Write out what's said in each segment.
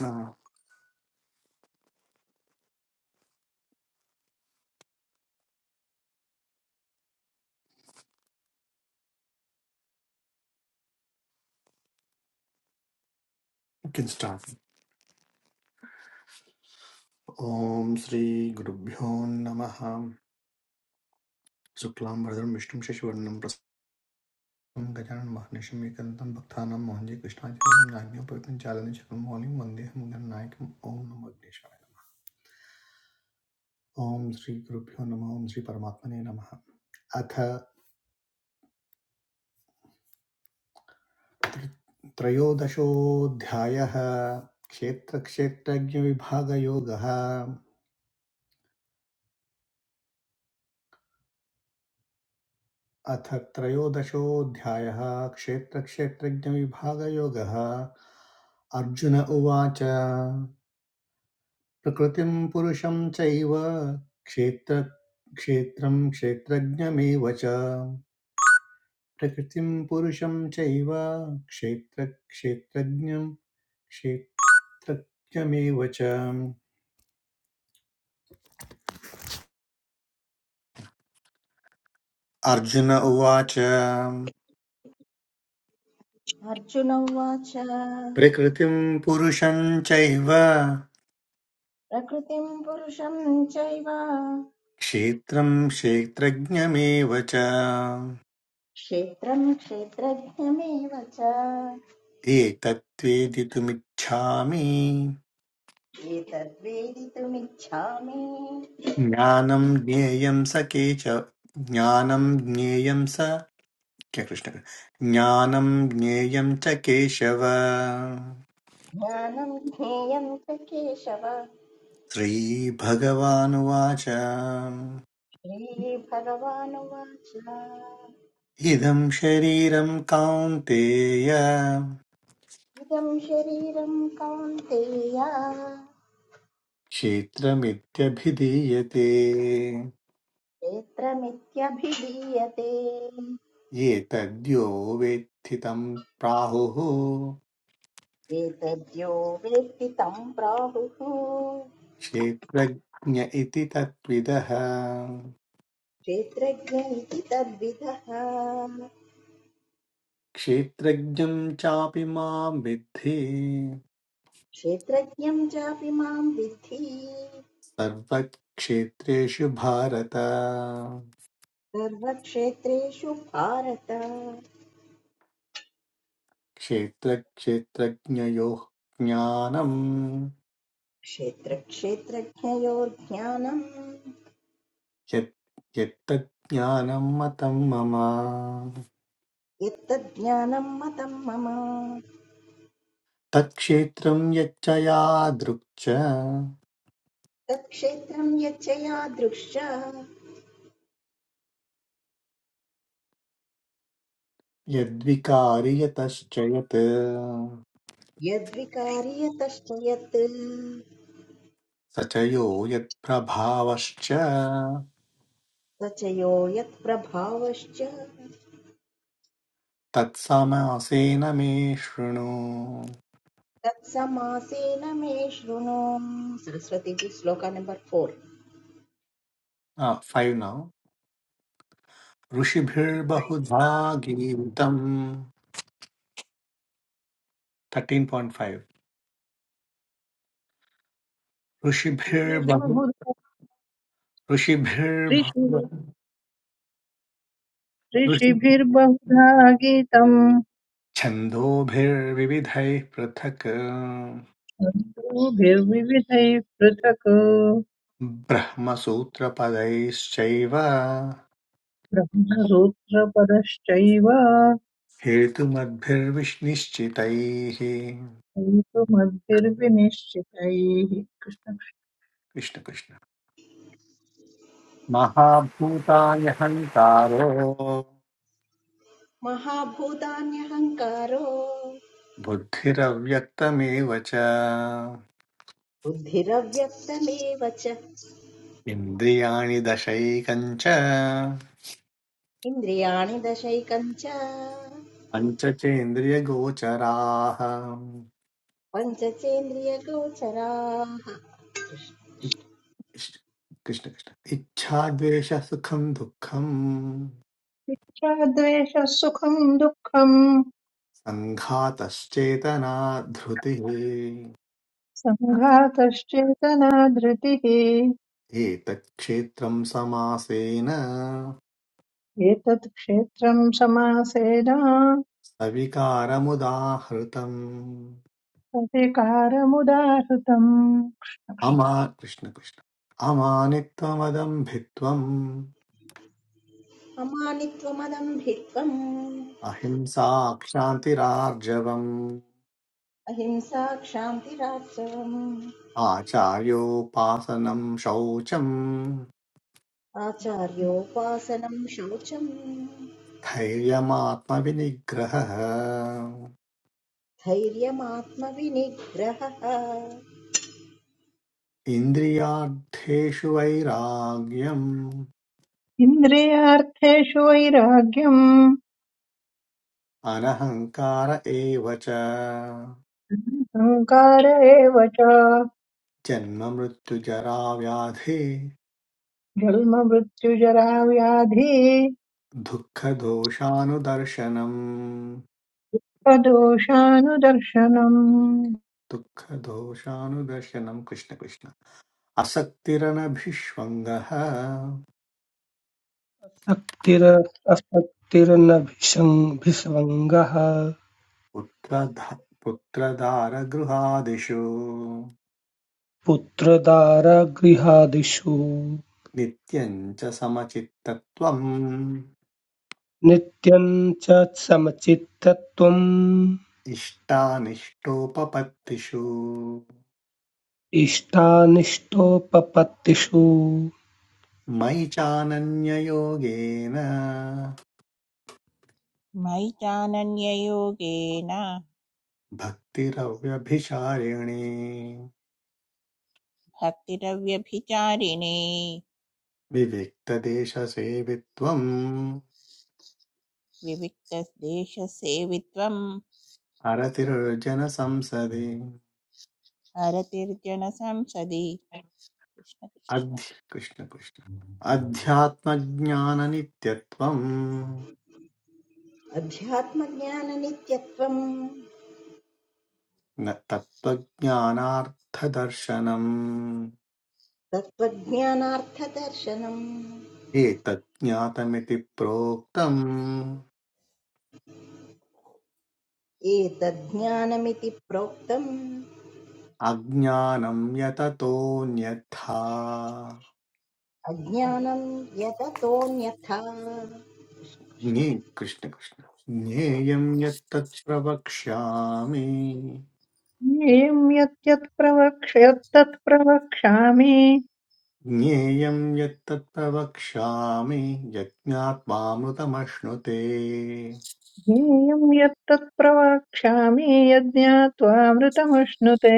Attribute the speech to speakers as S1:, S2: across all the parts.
S1: Uh, you can start. Om Sri Guru Bhyo Namaha. Shuklam Bhardram Vishnu Shashivardhanam Prasannam Gajanan Mahanesham Ekanatam Bhaktanam Mohanje Krishnajam Nagya Pavitam Chalani Chakram Maulim Vandeh Mugan Nayakam Om Namo Agneshwaya Om Sri Guru Bhyo Namaha Om Sri Paramatmane Namaha अथ त्रयोदशोऽध्यायः क्षेत्रक्षेत्रज्ञविभागयोगः अथ त्रयोदशोऽध्यायः क्षेत्रक्षेत्रज्ञविभागयोगः अर्जुन उवाच प्रकृतिं पुरुषं चैव क्षेत्र क्षेत्रं क्षेत्रज्ञमेव च प्रकृतिं पुरुषं चैव क्षेत्र क्षेत्रज्ञं क्षेत्रज्ञमेव च अर्जुन उवाच
S2: अर्जुन उवाच
S1: प्रकृतिं पुरुषं चैव
S2: प्रकृतिं पुरुषं चैव
S1: क्षेत्रं क्षेत्रज्ञमेव च
S2: क्षेत्रं क्षेत्रज्ञमेव च
S1: एतत्वेदितुमिच्छामि
S2: एतद्वेदितुमिच्छामि
S1: ज्ञानं ज्ञेयं स केच ज्ञानं ज्ञेयं स क्या कृष्ण ज्ञानं ज्ञेयं च केशव
S2: ज्ञानं ज्ञेयं च केशव
S1: श्रीभगवानुवाच
S2: श्रीभगवानुवाच
S1: इदं शरीरं कौन्तेय
S2: इदं शरीरं कौन्तेय
S1: क्षेत्रमित्यभिधीयते
S2: क्षेत्रमित्यभिधीयते
S1: ये तद्यो वेत्थि तं प्राहुः
S2: एतद्यो वेत्ति तं प्राहुः
S1: क्षेत्रज्ञ इति तत्विदः
S2: क्षेत्रज्ञ इति तद्विदः
S1: क्षेत्रज्ञं चापि मां विद्धि
S2: क्षेत्रज्ञं चापि मां विद्धि
S1: सर्वक्षेत्रेषु भारत
S2: सर्वक्षेत्रेषु भारत
S1: क्षेत्रक्षेत्रज्ञयोः ज्ञानम्
S2: क्षेत्रक्षेत्रज्ञयोर्ज्ञानम्
S1: यत् यत्तज्ज्ञानं मतं मम
S2: यत्तज्ज्ञानं मतं मम
S1: तत्क्षेत्रं यच्च यादृक् च
S2: तत्क्षेत्रं यच्च यादृश
S1: यद्विकारि यतश्च यत्
S2: यद्विकारि यतश्च यत्
S1: स च यो यत्प्रभावश्च
S2: स च यो यत्प्रभावश्च
S1: तत्समासेन मे शृणु
S2: तत्समासेन मे शृणु सरस्वती जी श्लोका नंबर फोर
S1: फैव् नौ ऋषिभिर्बहुधा गीतम् थर्टीन् पायिण्ट् फैव् ऋषिभिर्बहु
S3: ऋषिभिर्बहुधा
S1: ऋषिभिर्बहु
S3: ऋषि
S1: ऋषि
S3: ऋषिभिर्बहुधा गीतम्
S1: छन्दोभिर्विविधैः पृथक्
S3: छन्दोभिर्विविधैः पृथक्
S1: ब्रह्मसूत्रपदैश्चैव
S3: ब्रह्मसूत्रपदश्चैव
S1: हेतुमद्भिर्विश्निश्चितैः
S3: हेतुमद्भिर्विनिश्चितैः
S1: कृष्णकृष्ण महाभूतानि हन्तारो
S2: महाभूतान्यहङ्कारो
S1: बुद्धिरव्यक्तमेव च
S2: बुद्धिरव्यक्तमेव च
S1: इन्द्रियाणि दशैकञ्च
S2: इन्द्रियाणि दशैकम् च
S1: पञ्चचेन्द्रियगोचराः
S2: पञ्चचेन्द्रियगोचराः
S1: इष्ट- कृष्ण कृष्ण इच्छाद्वेषसुखं दुःखं
S3: कृष्णक्षाद्वेषः सुखम् दुःखम्
S1: सङ्घातश्चेतना धृतिः
S3: सङ्घातश्चेतना धृतिः
S1: एतत्क्षेत्रं समासेन
S3: एतत् क्षेत्रम् समासेन
S1: सविकारमुदाहृतम्
S3: प्रतिकारमुदाहृतम्
S1: अमा कृष्ण कृष्ण अमानित्वमदम्भित्वम्
S2: अमानित्वमदम्भित्वम्
S1: अहिंसा क्षान्तिरार्जवम्
S2: अहिंसा क्षान्तिराचरम्
S1: आचार्योपासनं शौचम्
S2: आचार्योपासनम् शौचम्
S1: धैर्यमात्मविनिग्रहः
S2: धैर्यमात्मविनिग्रहः
S1: इन्द्रियार्थेषु वैराग्यम्
S3: इन्द्रियार्थेषु वैराग्यम्
S1: अनहङ्कार एव च
S3: संकार एव च
S1: जन्ममृत्युजराव्याधि
S3: जन्ममृत्युजराव्याधि
S1: दुःखदोषानुदर्शनम्
S3: प्रदोषानुदर्शनम्
S1: दुःखदोषानुदर्शनम् कृष्ण कृष्ण असक्तिरनभिष्वङ्गः
S4: शक्तिरस्त्वक्तिर्न शक्तिर्नभिसङ्गः
S1: पुत्रधा पुत्रदारगृहादिषु
S4: पुत्रदारगृहादिषु
S1: नित्यम् च समचित्तत्वम्
S4: नित्यं च समचित्तत्वम्
S1: इष्टानिष्टोपपत्तिषु
S4: इष्टानिष्टोपपत्तिषु
S1: मयि चानन्ययोगेन
S5: मयि चानन्ययोगेन
S1: भक्तिरव्यभिचारिणे
S5: भक्तिरव्यभिचारिणे
S1: विविक्तदेशसेवित्वम्
S5: विविक्तदेशसेवित्वं
S1: अरतिर्जनसंसदि
S5: हरतिर्जनसंसदि
S1: अध्य कृष्ण कृष्ण अध्यात्मज्ञाननित्यत्वम्
S2: अध्यात्मज्ञाननित्यत्वम्
S1: न तत्त्वज्ञानार्थदर्शनम्
S2: तत्त्वज्ञानार्थदर्शनम्
S1: एतज्ज्ञातमिति प्रोक्तम्
S2: एतज्ज्ञानमिति प्रोक्तम्
S1: अज्ञानं यततोऽन्यथा
S2: अज्ञानं यततोऽन्यथा
S1: ज्ञे कृष्ण कृष्ण ज्ञेयं यत्तत् प्रवक्ष्यामि
S3: ज्ञेयं यत् प्रवक्ष यत्तत् प्रवक्ष्यामि
S1: ज्ञेयं यत्तत् प्रवक्ष्यामि यज्ञात्मामृतमश्नुते
S3: ज्ञेयं यत्तत् प्रवक्ष्यामि यज्ञात्वामृतमश्नुते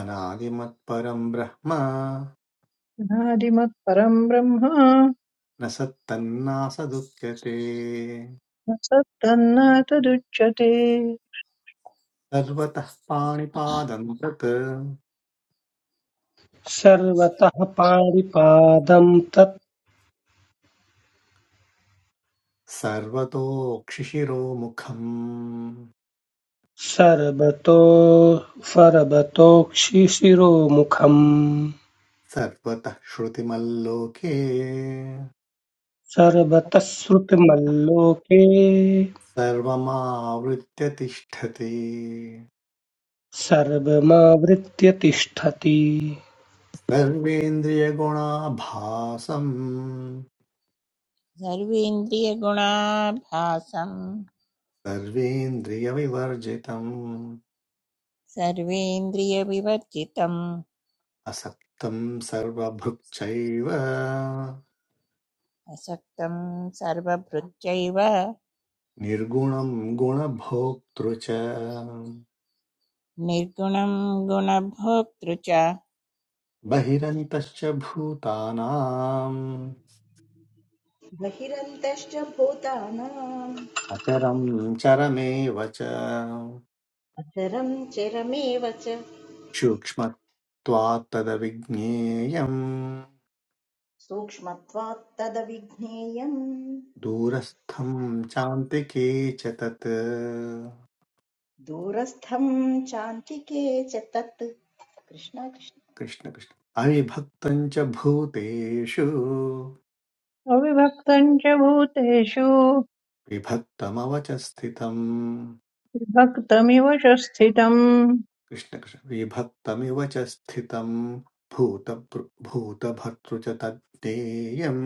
S1: अनादिमत्परं ब्रह्म
S3: नादिमत्परं ब्रह्म
S1: न सत्तन्नासदुच्यते
S3: न सत्तन्न तदुच्यते
S1: सर्वतः पाणिपादं तत्
S4: सर्वतः पाणिपादं तत्
S1: सर्वतोक्षिशिरोमुखम्
S4: सर्वतो फर्वतोक्षिशिरोमुखम्
S1: सर्वतः श्रुतिमल्लोके
S4: सर्वतः श्रुतिमल्लोके
S1: सर्वमावृत्य तिष्ठति
S4: सर्वमावृत्य तिष्ठति
S1: सर्वेन्द्रियगुणाभासम्
S5: सर्वेन्द्रियगुणाभासं
S1: सर्वेन्द्रियविवर्जितम्
S5: सर्वेन्द्रियविवर्जितम्
S1: असक्तम् सर्वभृक्षैव
S5: असक्तं सर्वभृत्यैव
S1: निर्गुणं गुणभोक्तृ च
S5: निर्गुणं गुणभोक्तृ च कृष्ण
S1: बहिरन्तश्च भूतानाम्
S2: बहिरन्तश्च भूतानाम्
S1: अचरं चरमेव च
S2: अचरं चरमेव च
S1: सूक्ष्मत्वात्तदविज्ञेयम्
S2: सूक्ष्मत्वात् तदविज्ञेयम्
S1: दूरस्थं चान्तिके च तत्
S2: दूरस्थं चान्तिके च तत् कृष्ण कृष्ण
S1: कृष्णकृष्ण अविभक्तं च भूतेषु
S3: अविभक्तम् च भूतेषु
S1: विभक्तमवच स्थितम्
S3: विभक्तमिव च स्थितम्
S1: कृष्णकृष्ण विभक्तमिव च स्थितम् भूतभृ भूतभर्तृ च तद्देयम्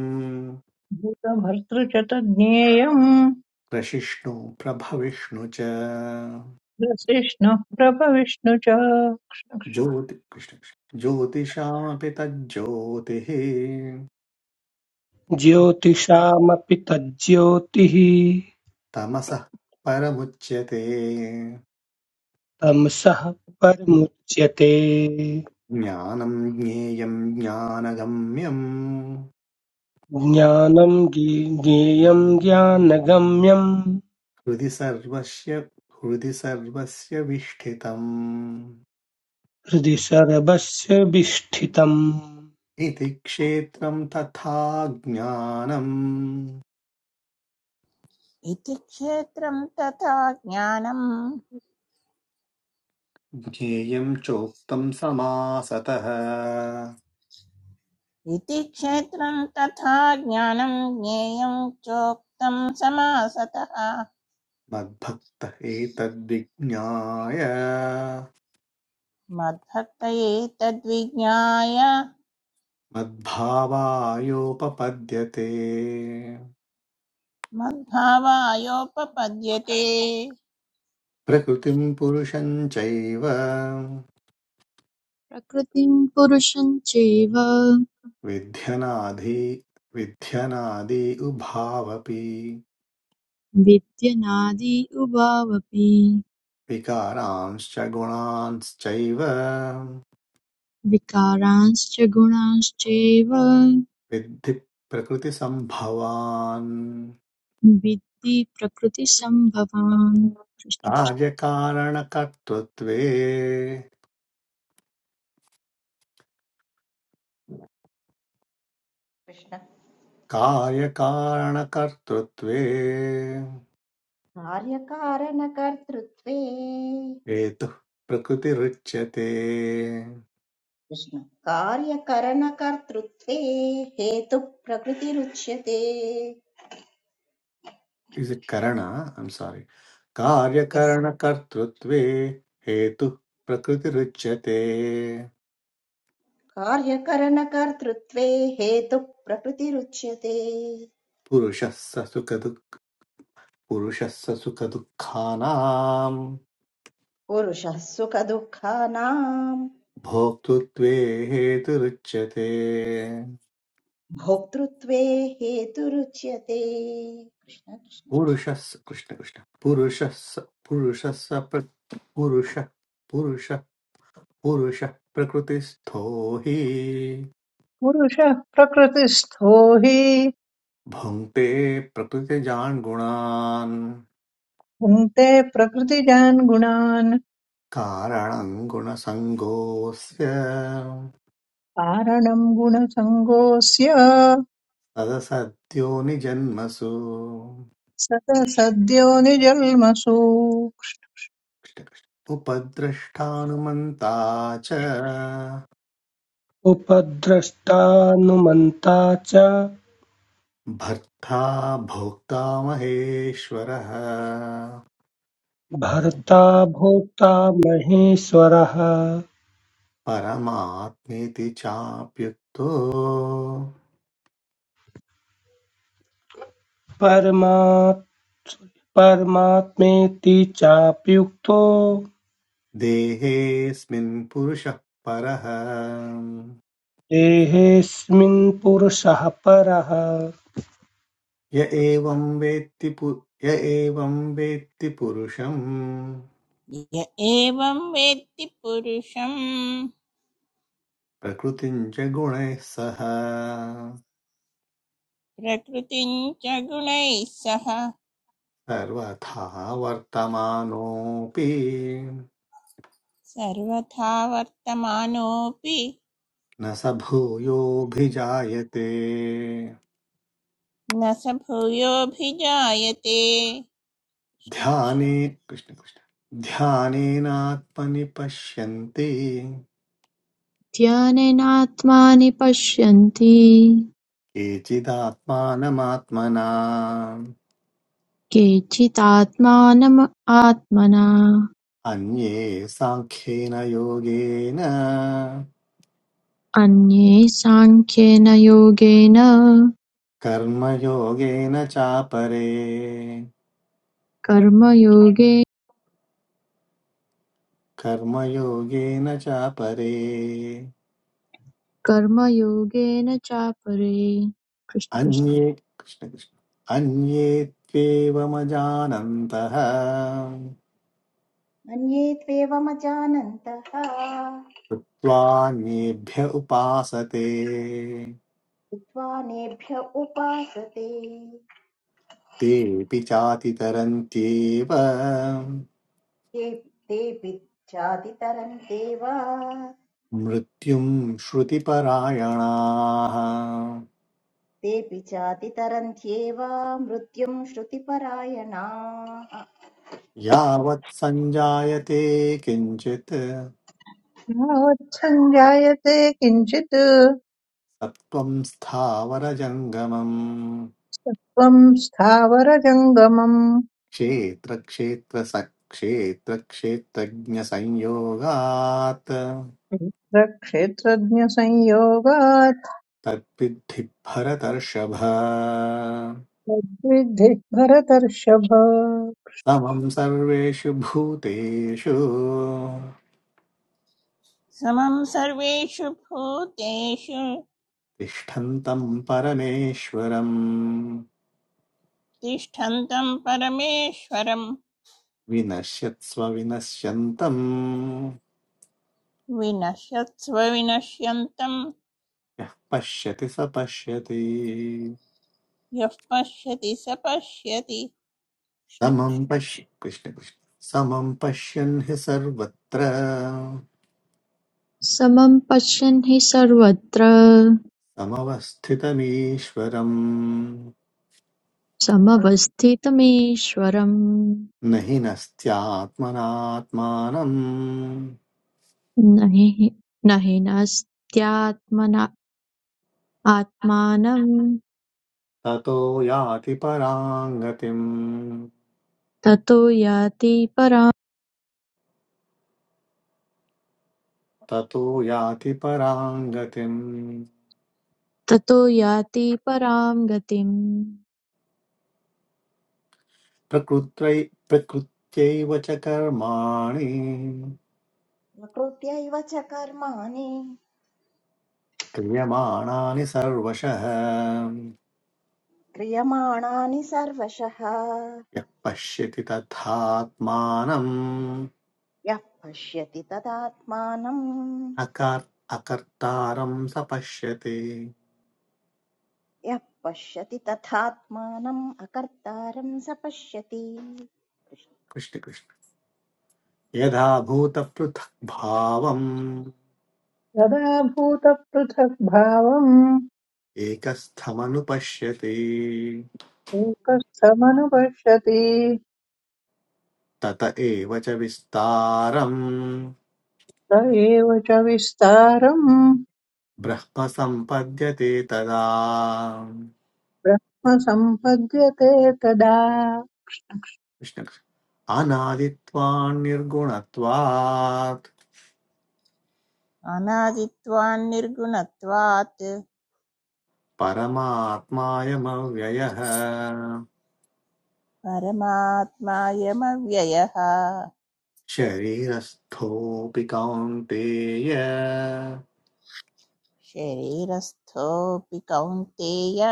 S3: भूतभर्तृ च तज्ज्ञेयम्
S1: प्रशिष्णु प्रभविष्णु च
S3: ग्रसिष्णुः प्रभविष्णु च
S1: ज्योति कृष्ण कृष्ण। ज्योतिषामपि तज्ज्योतिः
S4: ज्योतिषामपि तज्ज्योतिः
S1: तमसः परमुच्यते
S4: तमसः परमुच्यते
S1: ज्ञानं ज्ञेयं ज्ञानगम्यं
S4: ज्ञानं गे- ज्ञेयं ज्ञानगम्यं
S1: हृदि सर्वस्य हृदि सर्वस्य विष्ठितम्
S4: हृदि सर्वस्य विष्ठितम्
S1: इति क्षेत्रं तथा ज्ञानं
S5: इति क्षेत्रं तथा ज्ञानं
S1: ज्ञेयं चोक्तं समासतः
S5: इति क्षेत्रं तथा ज्ञानं ज्ञेयं चोक्तं समासतः
S1: मद्भक्तः एतद्विज्ञाय
S5: मद्भक्तये तद्विज्ञाय
S1: मद्भावायोपपद्यते
S5: मद्भावायोपपद्यते
S1: प्रकृतिं पुरुषं चैव
S6: प्रकृतिं पुरुषं चैव
S1: विध्यनादि विध्यनादि उभावपि
S6: विद्यनादि उभावपि
S1: विकारांश्च गुणांश्चैव
S6: विकारांश्च गुणांश्चैव
S1: विद्धि प्रकृतिसम्भवान्
S6: विद्धि प्रकृतिसम्भवान् कृष्ण कृष्ण।
S1: कार्यकारणकर्तृत्वे
S2: कृष्ण
S1: कार्यकारणकर्तृत्वे
S2: कार्यकारणकर्तृत्वे
S1: हेतुः प्रकृतिरुच्यते
S2: कृष्ण कार्यकरणकर्तृत्वे हेतुः प्रकृतिरुच्यते
S1: इस् इट् करण ऐम् सारी
S2: यः
S1: कार्यकरणकर्तृत्वे हेतुः प्रकृतिरुच्यते
S2: कार्यकरणकर्तृत्वे हेतुः प्रकृतिरुच्यते
S1: पुरुषः स सुखदुःख पुरुषः स सुखदुःखानाम्
S2: पुरुषः सुखदुःखानाम्
S1: भोक्तृत्वे हेतुरुच्यते
S2: भोक्तृत्वे हेतुरुच्यते कृष्ण कृष्ण
S1: पुरुषः कृष्ण कृष्ण पुरुषः स- प्र- पुरुषः पुरुषः पुरुषः प्रकृतिस्थो हि
S3: पुरुषः प्रकृतिस्थो हि
S1: भुङ्क्ते प्रकृतिजान् गुणान्
S3: भुङ्क्ते प्रकृतिजान् गुणान्
S1: कारणं गुणसङ्गोऽस्य
S3: कारणम् गुणसङ्गोऽस्य
S1: तदसद्यो निजन्मसु
S3: सत सद्यो निजल्मसु
S1: उपद्रष्टानुमन्ता च
S4: उपद्रष्टानुमन्ता च
S1: भर्ता भोक्ता महेश्वरः
S4: भर्ता भोक्ता महेश्वरः
S1: परमात्मेति चाप्युक्तो
S4: परमात् परमात्मेति चाप्युक्तो
S1: देहेऽस्मिन् पुरुषः परः
S4: देहेऽस्मिन् पुरुषः परः
S1: य एवं वेत्ति पु य एवं वेत्ति पुरुषम्
S5: य एवं वेत्ति पुरुषं
S1: प्रकृतिं च गुणैः सह
S5: प्रकृतिं च गुणैः सह
S1: सर्वथा वर्तमानोऽपि
S5: सर्वथा वर्तमानोऽपि
S1: न स भूयोऽभिजायते
S5: न स भूयोऽभिजायते
S1: ध्याने कृष्ण कृष्ण ध्यानेनात्मनि पश्यन्ति
S6: ध्यनेनात्मानि पश्यन्ति
S1: केचिदात्मानमात्मना
S6: केचिदात्मानम् आत्मना
S1: अन्ये साङ्ख्येन योगेन
S6: अन्ये साङ्ख्येन योगेन
S1: कर्मयोगेन चापरे
S6: कर्मयोगे
S1: कर्मयोगेन चापरे
S6: कर्मयोगेन चापरे कृष्ण कृष्ण
S1: अन्ये कृष्ण कृष्ण अन्ये त्वेवमजानन्तः
S2: मन्ये त्वेवमजानन्तः
S1: कृत्वा नेभ्य उपासते
S2: विद्वानेभ्य उपासते
S1: तेऽपि चातितरन्त्येव
S2: ते तेऽपि चातितरन्त्येव
S1: मृत्युं श्रुतिपरायणाः
S2: तेऽपि चातितरन्त्येव मृत्युम् श्रुतिपरायणाः
S1: यावत् सञ्जायते किञ्चित्
S3: यावत् सञ्जायते किञ्चित् त्वम्
S1: सत्त्वं स्थावरजङ्गमम्
S3: स्थावरजङ्गमम्
S1: क्षेत्रक्षेत्रसक्षेत्रक्षेत्रज्ञसंयोगात्
S3: क्षेत्रक्षेत्रज्ञसंयोगात्
S1: तद्विद्धि भरतर्षभ
S3: तद्विद्धि भरतर्षभ
S1: समं सर्वेषु भूतेषु
S5: समं सर्वेषु भूतेषु
S1: तिष्ठन्तं परमेश्वरम्
S5: तिष्ठन्तं परमेश्वरं
S1: विनश्यत्स्व विनश्यन्तम्
S5: विनश्यत्स्व विनश्यन्तं
S1: यः पश्यति स पश्यति
S5: यः पश्यति स पश्यति
S1: समं
S5: कृष्णकृष्ण
S1: पश्य कृष्ण कृष्ण समं पश्यन् हि सर्वत्र
S6: समं पश्यन् हि सर्वत्र
S1: समवस्थितमीश्वरम्
S6: समवस्थितमीश्वरं
S1: न हि नस्त्यात्मनात्मानम्
S6: न हि न हीनस्त्यात्मना आत्मानं
S1: ततो याति पराङ्गतिम्
S6: ततो याति परां
S1: ततो याति परां गतिम्
S6: ततो याति परां गतिम्
S1: प्रकृत्यै प्रकृत्यैव च कर्माणि
S2: प्रकृत्यैव च कर्माणि
S1: क्रियमाणानि सर्वशः
S2: क्रियमाणानि सर्वशः
S1: यः पश्यति तथात्मानम्
S2: यः पश्यति तदात्मानम्
S1: अकर् अकर्तारं स पश्यति
S2: यः पश्यति तथात्मानम् अकर्तारम् स पश्यति
S1: कृष्णकृष्ण यदा भूतपृथग्भावम्
S3: यदा भूतपृथग्भावम्
S1: एकस्थमनुपश्यति
S3: एकस्तमनुपश्यति
S1: तत एव च विस्तारम्
S3: स एव च विस्तारम्
S1: ब्रह्मसम्पद्यते तदा
S3: ब्रह्म सम्पद्यते तदा
S1: कृष्णकृष्ण अनादित्वान्निर्गुणत्वात्
S5: अनादित्वान् निर्गुणत्वात्
S1: परमात्मायमव्ययः
S5: परमात्मायमव्ययः
S1: शरीरस्थोऽपि कौन्तेय
S5: शरीरस्थोऽपि कौन्तेय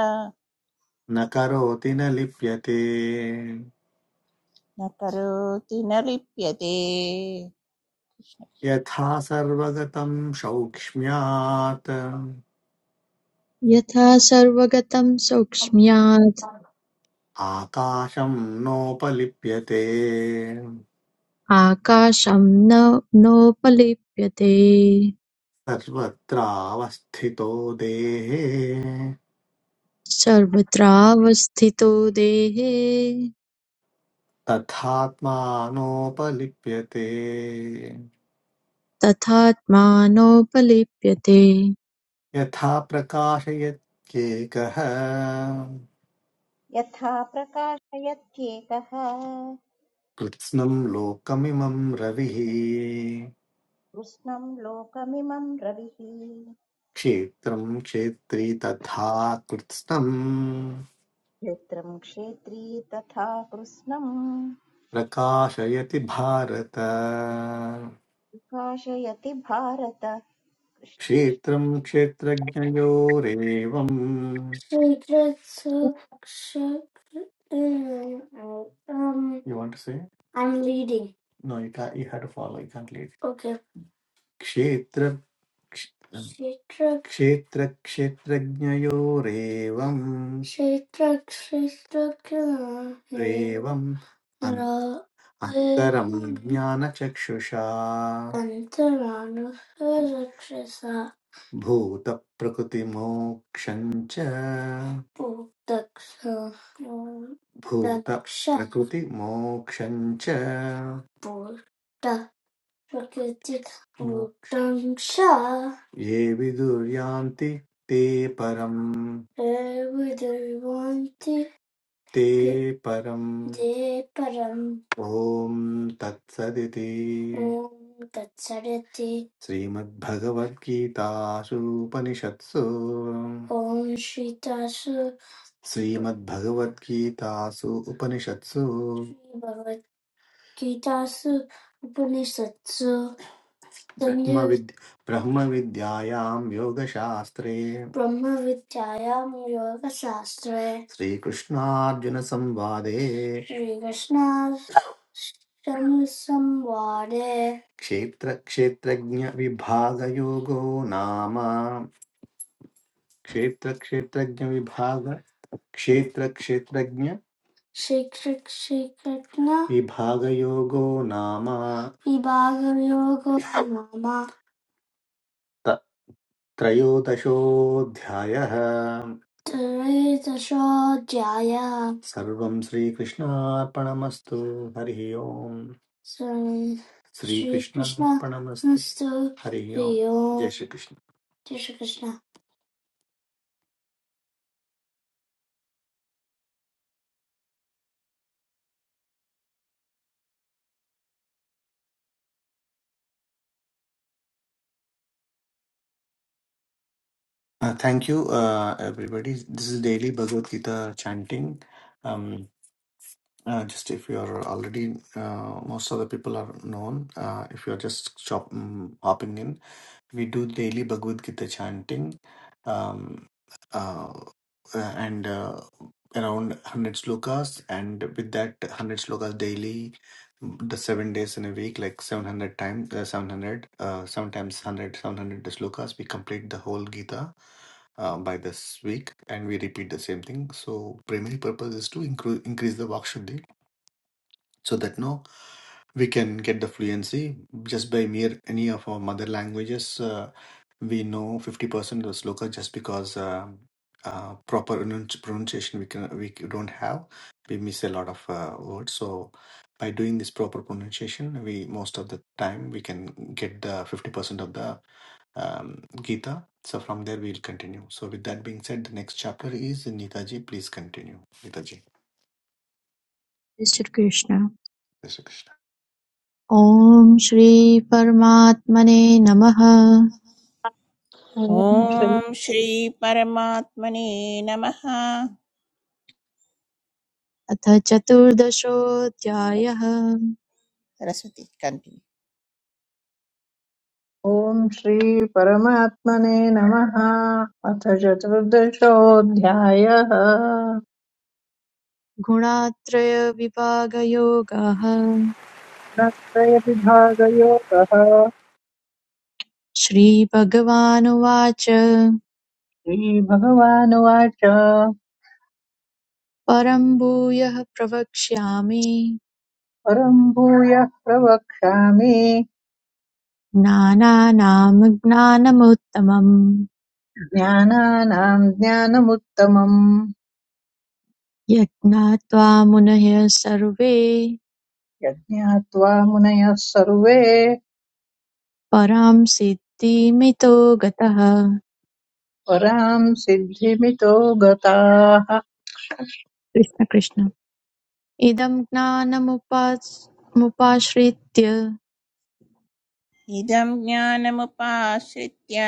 S1: न करोति न लिप्यते
S5: न करोति न लिप्यते
S1: यथा सर्वगतं सौक्ष्म्यात्
S6: यथा सर्वगतं सौक्ष्म्यात्
S1: आकाशं नोपलिप्यते
S6: आकाशं न नोपलिप्यते
S1: सर्वत्रावस्थितो देहे
S6: सर्वत्रावस्थितो देहे
S1: तथात्मानोपलिप्यते
S6: तथात्मानोपलिप्यते
S1: यथा प्रकाशयत्येकः
S2: यथा प्रकाशयत्येकः
S1: कृत्स्नं लोकमिमं रविः
S2: कृष्णम् लोकमिमम् रविः
S1: क्षेत्रं क्षेत्री तथा कृत्स्नम्
S2: क्षेत्रम् क्षेत्री तथा कृष्णम्
S1: प्रकाशयति भारत
S2: प्रकाशयति Bharata Krishna Krishna
S1: Shetram shetragyanyo reva. You want to say? I'm leading. No, you can't. You have to follow. You can't lead. Okay. Shetram. क्षेत्र क्षेत्रक्षेत्रज्ञयोरेवम् क्षेत्र क्षेत्रज्ञ रेवम् अन्- अन्तरं एवम् ज्ञानचक्षुषा अन्तरानुसरक्षसा भूतप्रकृतिमोक्षम् च पूतक्ष दक्ष भूतप्रकृतिमोक्षम् च प्रकृतिमुग्रं च ये विदुर्यान्ति ते परम् प्रविदुर्वन्ति ते ते परम् ते परम् ॐ तत्सदिति ॐ तत्सदिति श्रीमद्भगवद्गीतासु ॐ श्रीतासु श्रीमद्भगवद्गीतासु उपनिषत्सु श्रीभगवद्गीतासु उपनिषत्सु ब्रह्मविद् ब्रह्मविद्यायां योगशास्त्रे ब्रह्मविद्यायां योगशास्त्रे श्रीकृष्णार्जुनसंवादे श्रीकृष्णाष्टमीसंवादे क्षेत्रक्षेत्रज्ञविभागयोगो नाम क्षेत्रक्षेत्रज्ञविभाग क्षेत्रक्षेत्रज्ञविभागयोगो श्रीकृष्णकृष्ण नाम विभागयोगो नाम त्रयोदशोऽध्यायः त्रयोदशोऽध्यायः सर्वं श्रीकृष्णार्पणमस्तु हरिः ओम् सर्वं श्रीकृष्णार्पणमस्तु श्रीकृष्णस्तु हरिः ओम् हरि जय ओम् श्रीकृष्ण जय Shri Krishna Uh, thank you, uh, everybody. This is daily Bhagavad Gita chanting. Um, uh, just if you are already, uh, most of the people are known. Uh, if you are just chop, mm, hopping in, we do daily Bhagavad Gita chanting, um, uh, uh, and uh, around 100 slokas. And with that 100 slokas daily, the seven days in a week, like 700 times, uh, 700, uh, sometimes 100, slokas, we complete the whole Gita. Uh, by this week, and we repeat the same thing. So, primary purpose is to incre- increase the Vak so that no we can get the fluency just by mere any of our mother languages. Uh, we know 50% of sloka just because um uh, proper pronunci- pronunciation we can we don't have we miss a lot of uh, words so by doing this proper pronunciation we most of the time we can get the 50% of the um, gita so from there we'll continue so with that being said the next chapter is nitaji please continue nitaji
S6: सर्किश्ना
S1: Jai Shri krishna
S6: ओम श्री परमात्मने नमः
S3: ॐ श्री
S5: ॐ श्रीपरमात्मने नमः
S6: अथ चतुर्दशो
S5: okay
S6: द्यायः
S5: Saraswati continue
S3: ॐ श्रीपरमात्मने नमः अथ चतुर्दशोऽध्यायः
S6: गुणात्रय विपागयोगः
S3: प्रत्रयविभागयोगः
S6: श्री भगवानुवाच
S3: श्रीभगवानुवाच
S6: परम्भुयः प्रवक्ष्यामि
S3: परम् भूयः प्रवक्ष्यामि
S6: न न नमग्ना नमुत्तमम्
S3: ज्ञानानाम् ज्ञानमुत्तमम्
S6: यक्तात्वामुनहिर्सर्वे
S3: यज्ञात्वा मुनयः सर्वे
S6: परम्सिद्धिमेतो गतः
S3: परां सिद्धिमितो गताः
S6: कृष्णा कृष्णा इदं ज्ञानमुपाश्रित्य
S5: इदं ज्ञानमुपाश्रित्य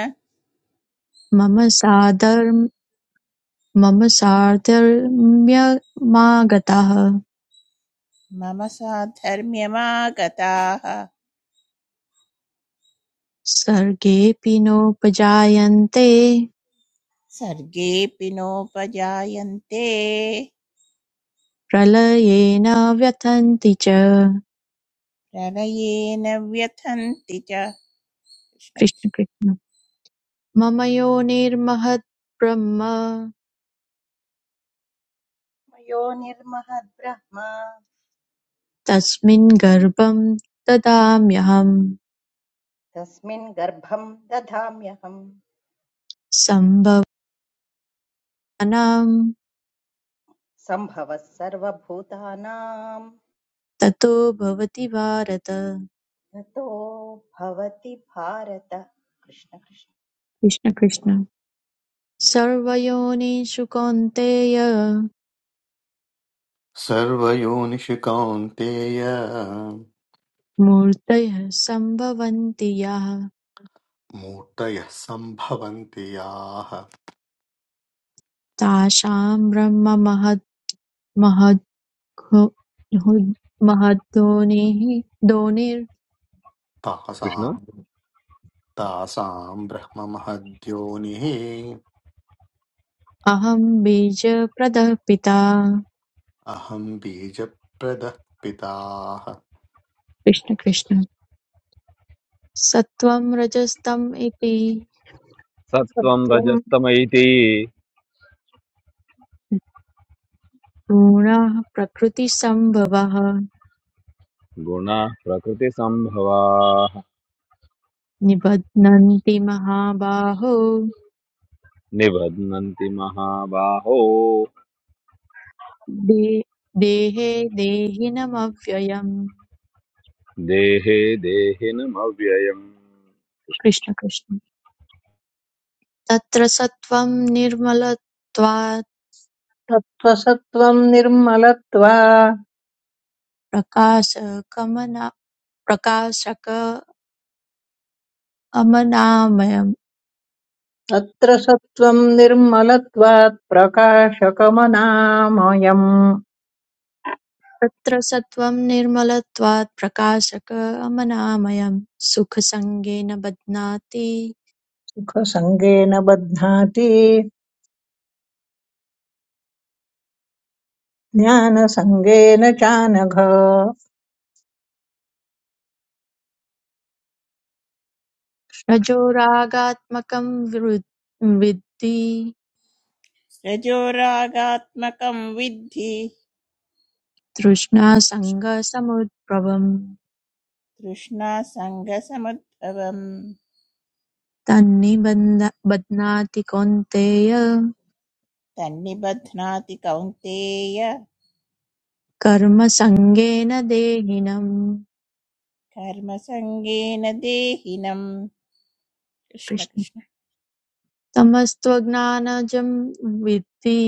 S6: मम साधर्म- मम साधर्म्यमागताः
S5: मम साधर्म्यमागताः
S6: सर्गेऽपि नोपजायन्ते
S5: सर्गेऽपि नोपजायन्ते
S6: प्रलये न व्यथन्ति च
S5: प्रलये न व्यथन्ति च
S6: कृष्ण कृष्ण मम योनिर्महद् ब्रह्म
S2: मयो निर्महद्ब्रह्म
S6: तस्मिन् गर्भं ददाम्यहम्
S2: तस्मिन् गर्भम् दधाम्यहम्
S6: सम्भवानां
S2: सम्भवः सर्वभूतानां
S6: ततो भवति भारत
S2: ततो भवति भारत कृष्ण कृष्ण
S6: कृष्ण कृष्ण सर्वयोनिषु कौन्तेय
S1: सर्वयोनिषु कौन्तेय
S6: मूर्तयः सम्भवन्ति याः
S1: मूर्तयः सम्भवन्ति याः
S6: तासां ब्रह्ममहद्गुणोः दोनिरहं
S7: कृष्ण
S1: तासां तासाम् ब्रह्ममहद्योनिः
S6: बीजप्रदः पिता
S1: अहम् बीजप्रदः पिताः
S6: कृष्ण कृष्ण सत्त्वं रजस्तम इति
S7: सत्त्वं
S3: सत्त्वं
S7: रजस्तमैति
S6: गुणाः प्रकृतिसम्भवाः
S7: गुणाः प्रकृतिसम्भवाः
S6: निबध्नन्ति महाबाहो
S7: निबध्नन्ति महाबाहो
S6: दे, देहे देहिनमव्ययम्
S7: देहे देहिनमव्ययम्
S6: कृष्ण कृष्ण तत्र सत्त्वं निर्मलत्वात्
S3: तत्त्वसत्त्वं निर्मलत्वा
S6: प्रकाशकमना प्रकाशकमनामयम्
S3: तत्र सत्त्वं निर्मलत्वात् प्रकाशकमनामयम्
S6: तत्र सत्त्वं निर्मलत्वात् प्रकाशकमनामयम् सुखसङ्गेन बध्नाति
S3: सुखसङ्गेन बध्नाति ज्ञानसङ्गेन चानघ
S6: रजोरागात्मकं वृ- विद्धि
S5: रजोरागात्मकं विद्धि
S6: तृष्णासङ्गसमुद्भवम्
S5: तृष्णासङ्गसमुद्भवम्
S6: तन्निबन्ध बध्नाति कौन्तेय
S5: तन्निबध्नाति कौन्तेय
S6: कर्मसङ्गेन देहिनम्
S5: कर्मसङ्गेन देहिनम् कृष्ण
S6: कृष्ण
S5: कृष्ण
S6: तमस्त्वज्ञानजं विद्धि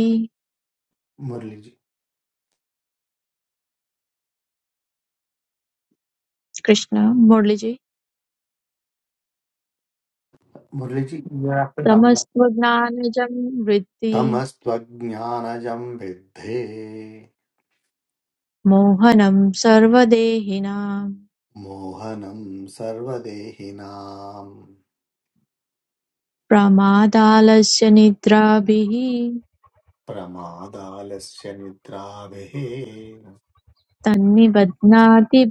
S1: मुरलीजी
S6: कृष्ण मुरलीजी
S1: मुरलीजी
S6: तमस्त्वज्ञानजं विद्धि
S1: तमस्त्वज्ञानजम् विद्धे
S6: मोहनं सर्वदेहिनां
S1: मोहनं सर्वदेहिनाम्
S6: प्रमादालस्य निद्राभिः
S1: प्रमादालस्य निद्राभिः
S6: तन्निबध्नाति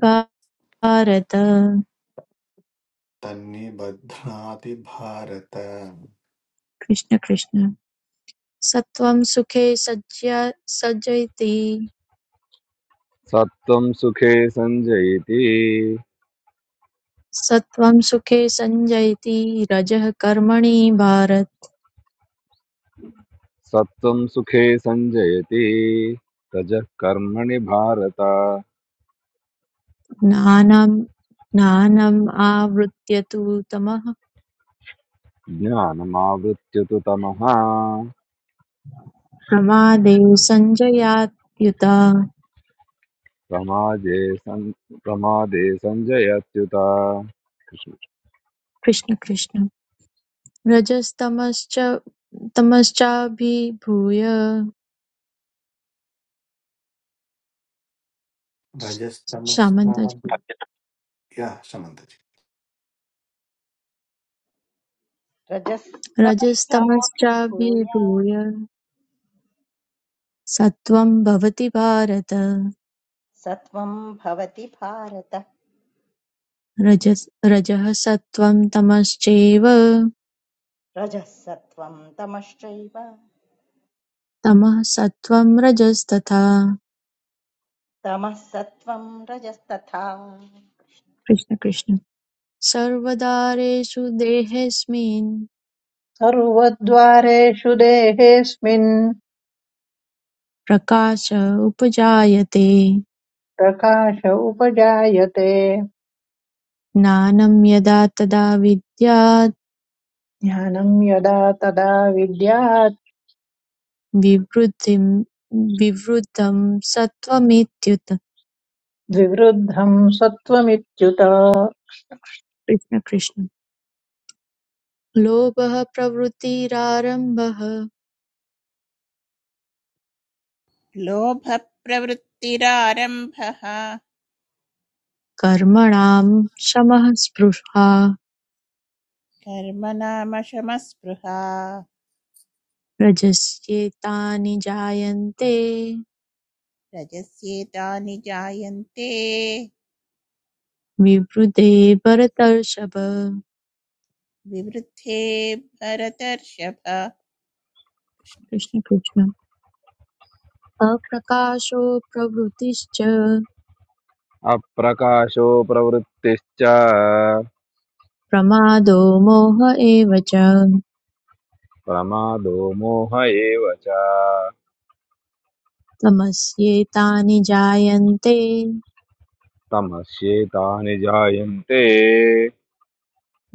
S6: भारत
S1: तन्निबध्नाति भारत
S6: कृष्ण कृष्ण सत्वं सुखे सज्य सज्जयति
S7: सत्त्वं सुखे सञ्जयति
S6: सत्वं सुखे सञ्जयति रजः कर्मणि भारत
S7: सत्त्वं सुखे सञ्जयति रजः कर्मणि भारत
S6: ज्ञानं ज्ञानम् आवृत्य तु तमः
S7: ज्ञानमावृत्य तु तमः
S6: प्रमादे सञ्जयात्युत
S7: प्रमादे सन् प्रमादे सञ्जयत्युत
S6: कृष्ण कृष्ण रजस्तमश्च तमश्चाभिभूय सामन्ताज
S1: रजस्तमस्ताभ्यः शमन्तजि
S2: रजस्तमश्चाभिभूय
S6: रजस्तमश्चाभिभूय सत्त्वं भवति भारत
S2: सत्वं भवति भारत
S6: रजस् रजः सत्त्वं तमश्चैव
S2: रजः तमश्चैव
S6: तमः सत्त्वं रजस्तथा
S2: तमः सत्वं रजस्तथा
S6: कृष्ण कृष्ण सर्वदारेषु देहेऽस्मिन्
S3: सर्वद्वारेषु देहेऽस्मिन्
S6: प्रकाश उपजायते
S3: प्रकाश उपजायते
S6: ज्ञानं यदा तदा विद्याद्
S3: ज्ञानं यदा तदा विद्यात्
S6: विवृद्धिं विवृद्धं सत्त्वमेत्युत
S3: द्विवृद्धम् सत्त्वमित्युत
S6: कृष्ण कृष्ण लोभः प्रवृत्तिरारम्भः
S5: लोभप्रवृत्तिरारम्भः
S6: कर्मणां शमः स्पृहा
S5: कर्म नाम शमस्पृहा
S6: रजस्येतानि जायन्ते
S5: रजस्येतानि जायन्ते
S6: विवृते भरतर्षभ
S5: विवृद्धे भरतर्षभ कृष्ण।
S6: कृष्ण कृष्ण अप्रकाशो प्रवृत्तिश्च
S7: अप्रकाशो प्रवृत्तिश्च
S6: प्रमादो मोह एव च
S7: प्रमादो मोह एव च
S6: तमस्येतानि जायन्ते
S7: तमस्येतानि जायन्ते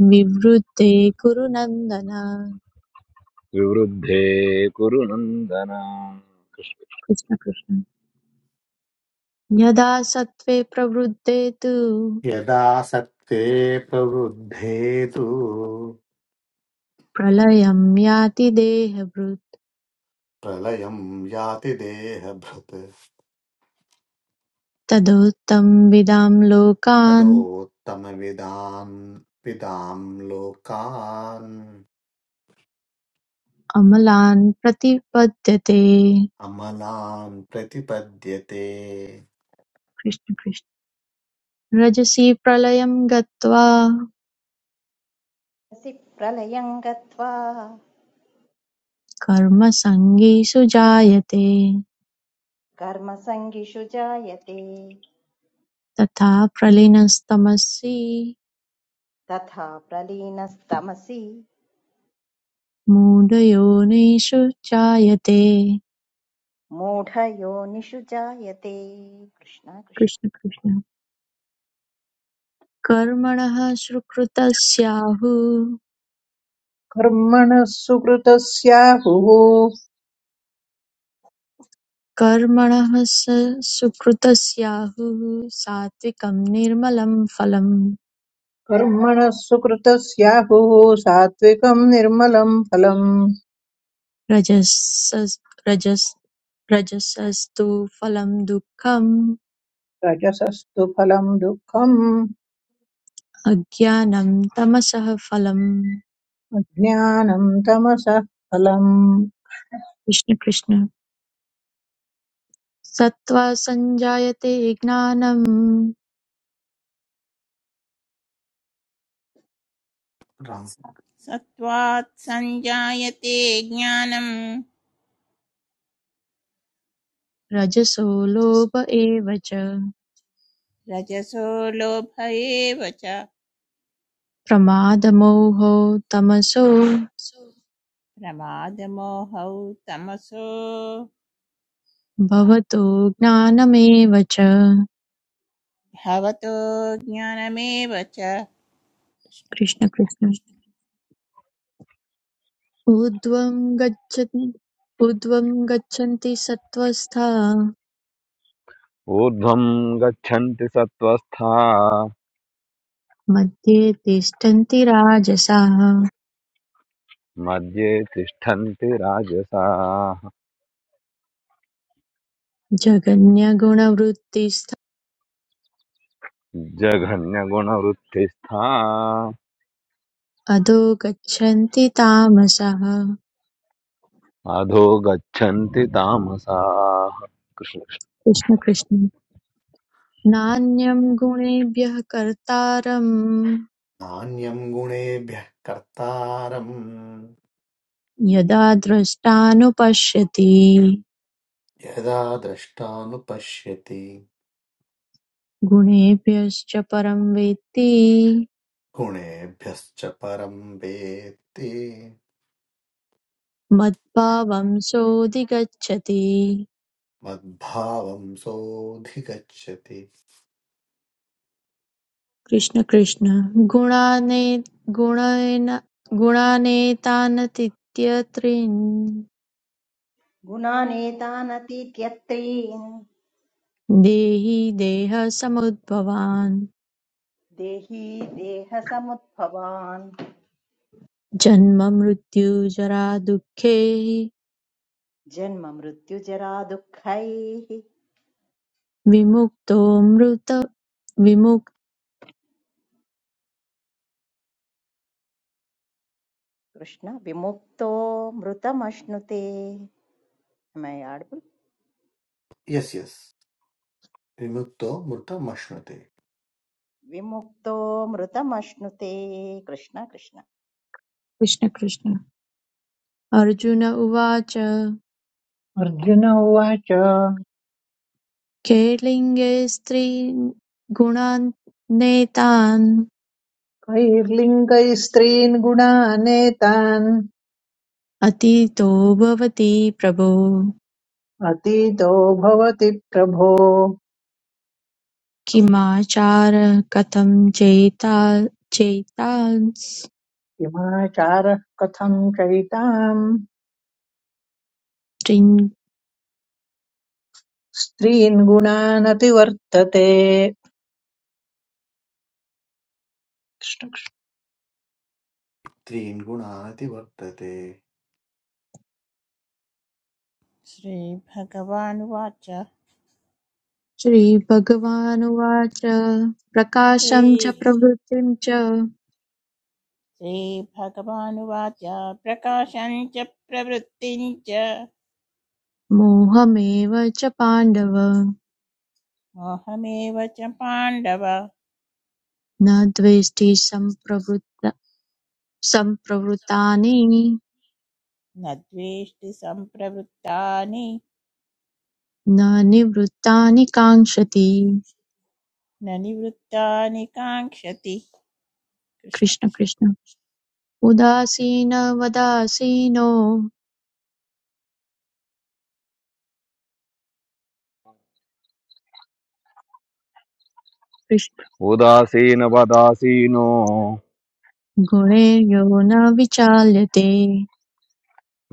S6: विवृते कुरु नन्दन
S7: विवृद्धे कुरु नन्दन
S6: कृष्ण कृष्ण यदा सत्त्वे प्रवृद्धे तु
S1: यदा सत्त्वे प्रवृद्धे तु
S6: प्रलयं याति देहभृत्
S1: प्रलयं याति देहभृत्
S6: तदोत्तं विदां लोकान्
S1: तदोत्तमविदान् विदां लोकान्
S6: अमलान् प्रतिपद्यते
S1: अमलान् प्रतिपद्यते
S6: कृष्ण कृष्ण रजसि प्रलयं गत्वा
S2: कृष्णसि प्रलयं गत्वा
S6: कर्मसङ्गीषु जायते
S2: कर्मसङ्गिषु जायते
S6: तथा प्रलीनस्तमसि
S2: तथा प्रलीनस्तमसि
S6: मूढयोनिषु जायते
S2: मूढयोनिषु जायते कृष्ण कृष्ण
S6: कृष्ण कृष्ण कर्मणः सुकृतस्याहुः
S3: कर्मणः सुकृतस्याहुः
S6: कर्मणः स सुकृतस्याहुः सात्विकं निर्मलं फलं
S3: कर्मणः सुकृतस्याहुः सात्विकम् निर्मलम् फलम्
S6: रजस रजस रजसस्तु फलं दुःखम्
S3: रजसस्तु फलम् दुःखम्
S6: अज्ञानं तमसः फलम्
S3: अज्ञानम् तमसः फलम्
S6: कृष्ण कृष्ण सत्त्वा सञ्जायते ज्ञानं
S5: सत्त्वात् सञ्जायते ज्ञानम्
S6: रजसो लोभ एव च
S5: रजसो लोभ एव च
S6: प्रमादमोहौ तमसो
S5: प्रमादमोहौ तमसो
S6: भवतो ज्ञानमेव च
S5: भवतो ज्ञानमेव च कृष्ण।
S6: कृष्ण कृष्ण ऊर्ध्वं गच्छन् ऊर्ध्वं गच्छन्ति सत्त्वस्था
S7: ऊर्ध्वं गच्छन्ति सत्त्वस्था
S6: मध्ये तिष्ठन्ति राजसाः
S7: मध्ये तिष्ठन्ति राजसाः
S6: जगन्यगुणवृत्तिस्थ
S7: जघन्यगुणवृत्तिस्था
S6: अधो गच्छन्ति तामसः
S7: अधो गच्छन्ति तामसाः कृष्ण कृष्ण।
S6: कृष्ण कृष्ण नान्यं गुणेभ्यः कर्तारं
S1: प्राधान्यं गुणेभ्यः कर्तारम्
S6: यदा द्रष्टानुपश्यति
S1: यदा द्रष्टानुपश्यति
S6: गुणेभ्यश्च परं वेत्ति
S1: गुणेभ्यश्च परं वेत्ति
S6: मद्भावं सोऽधिगच्छति
S1: मद्भावं सोऽधिगच्छति
S6: कृष्ण कृष्ण गुणाने गुणेन गुणानेतानतीत्यत्रिन्
S2: गुणानेतानतीत्यत्रीन्
S6: देहि देहसमुद्भवान्
S2: देही देहसमुद्भवान्
S6: जन्म मृत्यु जरा दुःखे
S2: जन्म मृत्युजरा दुःखैः
S6: विमुक्तो मृत विमुक्त
S2: कृष्ण विमुक्तो मृतमश्नुते मैं आडबुल
S1: यस् यस् विमुक्तो मृतमश्नुते
S2: विमुक्तो मृतमश्नुते कृष्ण कृष्ण
S6: कृष्ण कृष्ण अर्जुन उवाच
S3: अर्जुन उवाच
S6: खेलिङ्गे स्त्रीगुणान्यतान्
S3: कैर्लिङ्गैः स्त्रीन् गुणानेतान्
S6: अतीतो भवति प्रभो
S3: अतीतो भवति प्रभो
S6: किमाचारः कथं चेतांस्त्रीन्
S3: किमाचारः कथम् चैताम् स्त्रीन् गुणानतिवर्तते
S1: त्रीन् गुणानति वर्तते
S5: श्रीभगवानुवाच
S6: श्रीभगवानुवाच प्रकाशं च
S5: श्री
S6: प्रवृत्तिं च
S5: श्रीभगवानुवाच प्रकाशम् च प्रवृत्तिम् च
S6: मोहमेव च पाण्डव
S5: मोहमेव च पाण्डव
S6: न द्वेष्टि सम्प्रवृत्त सम्प्रवृत्तानि
S5: न द्वेष्टि सम्प्रवृत्तानि
S6: न निवृत्तानि काङ्क्षति
S5: न निवृत्तानि काङ्क्षति कृष्ण
S6: कृष्ण कृष्ण उदासीनवदासीनो कृष्ण
S7: उदासीनवदासीनो
S6: गुणैर्यो न विचाल्यते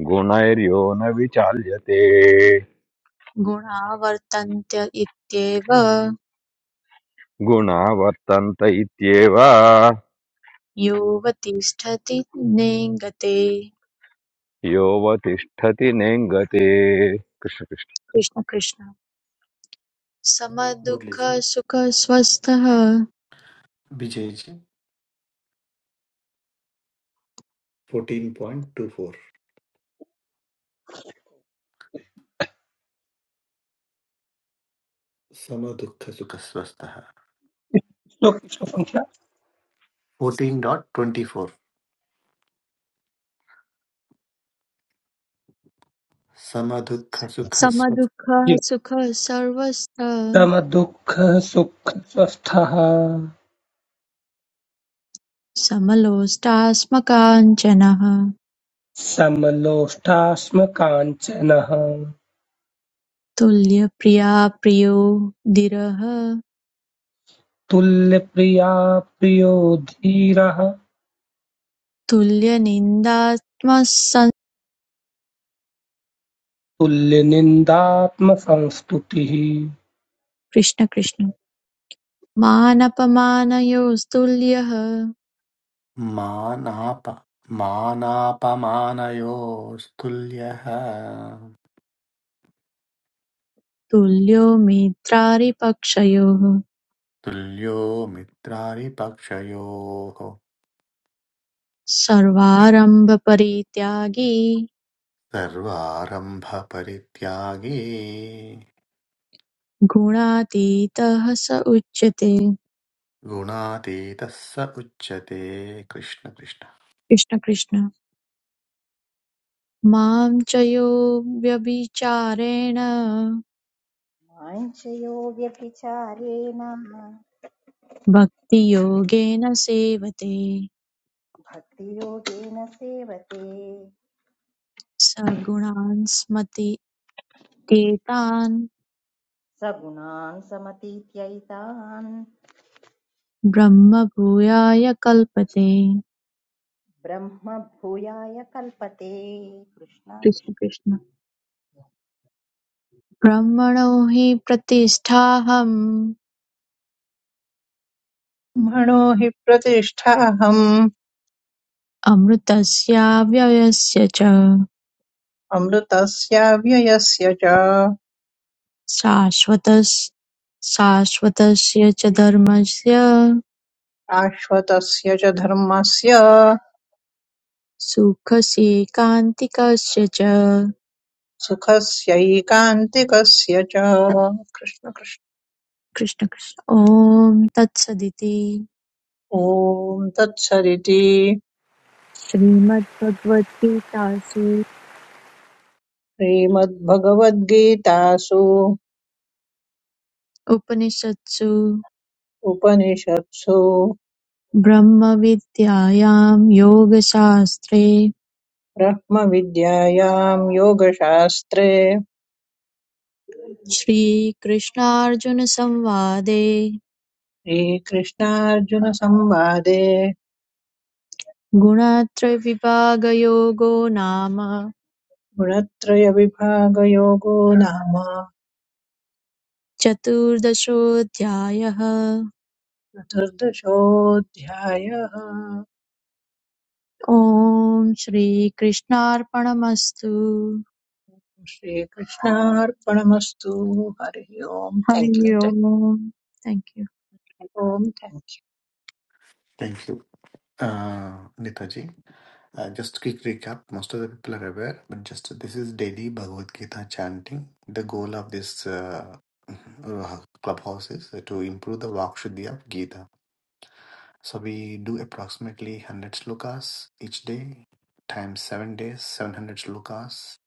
S7: गुणैर्यो न विचाल्यते
S6: गुणा वर्तन्त इत्येव
S7: गुणा वर्तन्त इत्येव
S6: यो वतिष्ठति नेङ्गते
S7: योऽवतिष्ठति नेङ्गते कृष्ण कृष्ण
S6: कृष्ण कृष्ण
S1: मुरली जी
S6: समदुःखसुखस्वस्थः
S1: विजय जी 14.24 समदुःख सुख स्वस्थः
S4: श्लोक की संख्या
S1: 14.24 समदुःख सुख स्वस्थ
S4: जीरो।
S6: समदुःखसुखसर्वस्थः
S4: समदुःख सुख स्वस्थः
S6: समलोष्टास्मकाञ्चनः
S4: समलोष्टाश्म काञ्चनः
S6: तुल्यप्रियाप्रियो दिरः
S4: तुल्यप्रिया प्रियो धीरः
S6: तुल्यनिन्दात्मसन्
S4: तुल्यनिन्दात्मसंस्तुतिः
S6: कृष्ण कृष्ण मानपमानयोस्तुल्यः
S1: मानाप मानापमानयोस्तुल्यः
S6: तुल्यो मित्रारिपक्षयोः
S1: तुल्यो मित्रारिपक्षयोः
S6: सर्वारम्भपरित्यागी
S1: सर्वारम्भ परित्यागी
S6: गुणातीतः स उच्यते
S1: गुणातीतः स उच्यते कृष्ण कृष्ण
S6: कृष्ण कृष्ण मां च यो व्यभिचारेण
S2: माञ्चयोग्यभिचारेण
S6: भक्तियोगेन सेवते
S2: भक्तियोगेन सेवते
S6: स गुणान् स्मतेतान्
S2: सगुणान् समतीत्यैतान्
S6: ब्रह्मभूयाय कल्पते
S2: ब्रह्म भूयाय कल्पते कृष्ण कृष्ण
S6: कृष्ण कृष्ण ब्रह्मणो हि प्रतिष्ठाहम्
S3: ब्रह्मणो हि प्रतिष्ठाहम्
S6: अमृतस्याव्ययस्य च
S3: अमृतस्याव्ययस्य च
S6: शाश्वतस्- शाश्वतस्य च धर्मस्य
S3: शाश्वतस्य च धर्मस्य
S6: सुखस्यैकान्तिकस्य च
S3: सुखस्यैकान्तिकस्य च कृष्ण कृष्ण
S6: कृष्ण कृष्ण ॐ तत्सदिति
S3: ॐ तत्सदिति
S6: श्रीमद्भगवद्गीतासु
S3: श्रीमद्भगवद्गीतासु
S6: उपनिषत्सु
S3: उपनिषत्सु
S6: ब्रह्मविद्यायां योगशास्त्रे
S3: ब्रह्मविद्यायां योगशास्त्रे
S6: श्रीकृष्णार्जुनसंवादे
S3: श्रीकृष्णार्जुनसंवादे
S6: गुणत्रयविभागयोगो नाम
S3: गुणत्रयविभागयोगो नाम
S6: चतुर्दशोऽध्यायः
S3: चतुर्दशोऽध्यायः
S6: ॐ श्रीकृष्णार्पणमस्तु
S3: श्रीकृष्णार्पणमस्तु हरिः ओम्
S6: हरि
S3: थैंक यू निति।
S6: ओम् थैंक यू
S3: ओम् thank you
S1: thank you uh, Nitaji. Uh, just quick recap. Most of the people are aware, but just this is daily Bhagavad Gita chanting. The goal of this uh, uh, clubhouse is uh, to improve the Vak Shuddhi of Gita. So we do approximately 100 slokas each day, times 7 days, 700 slokas.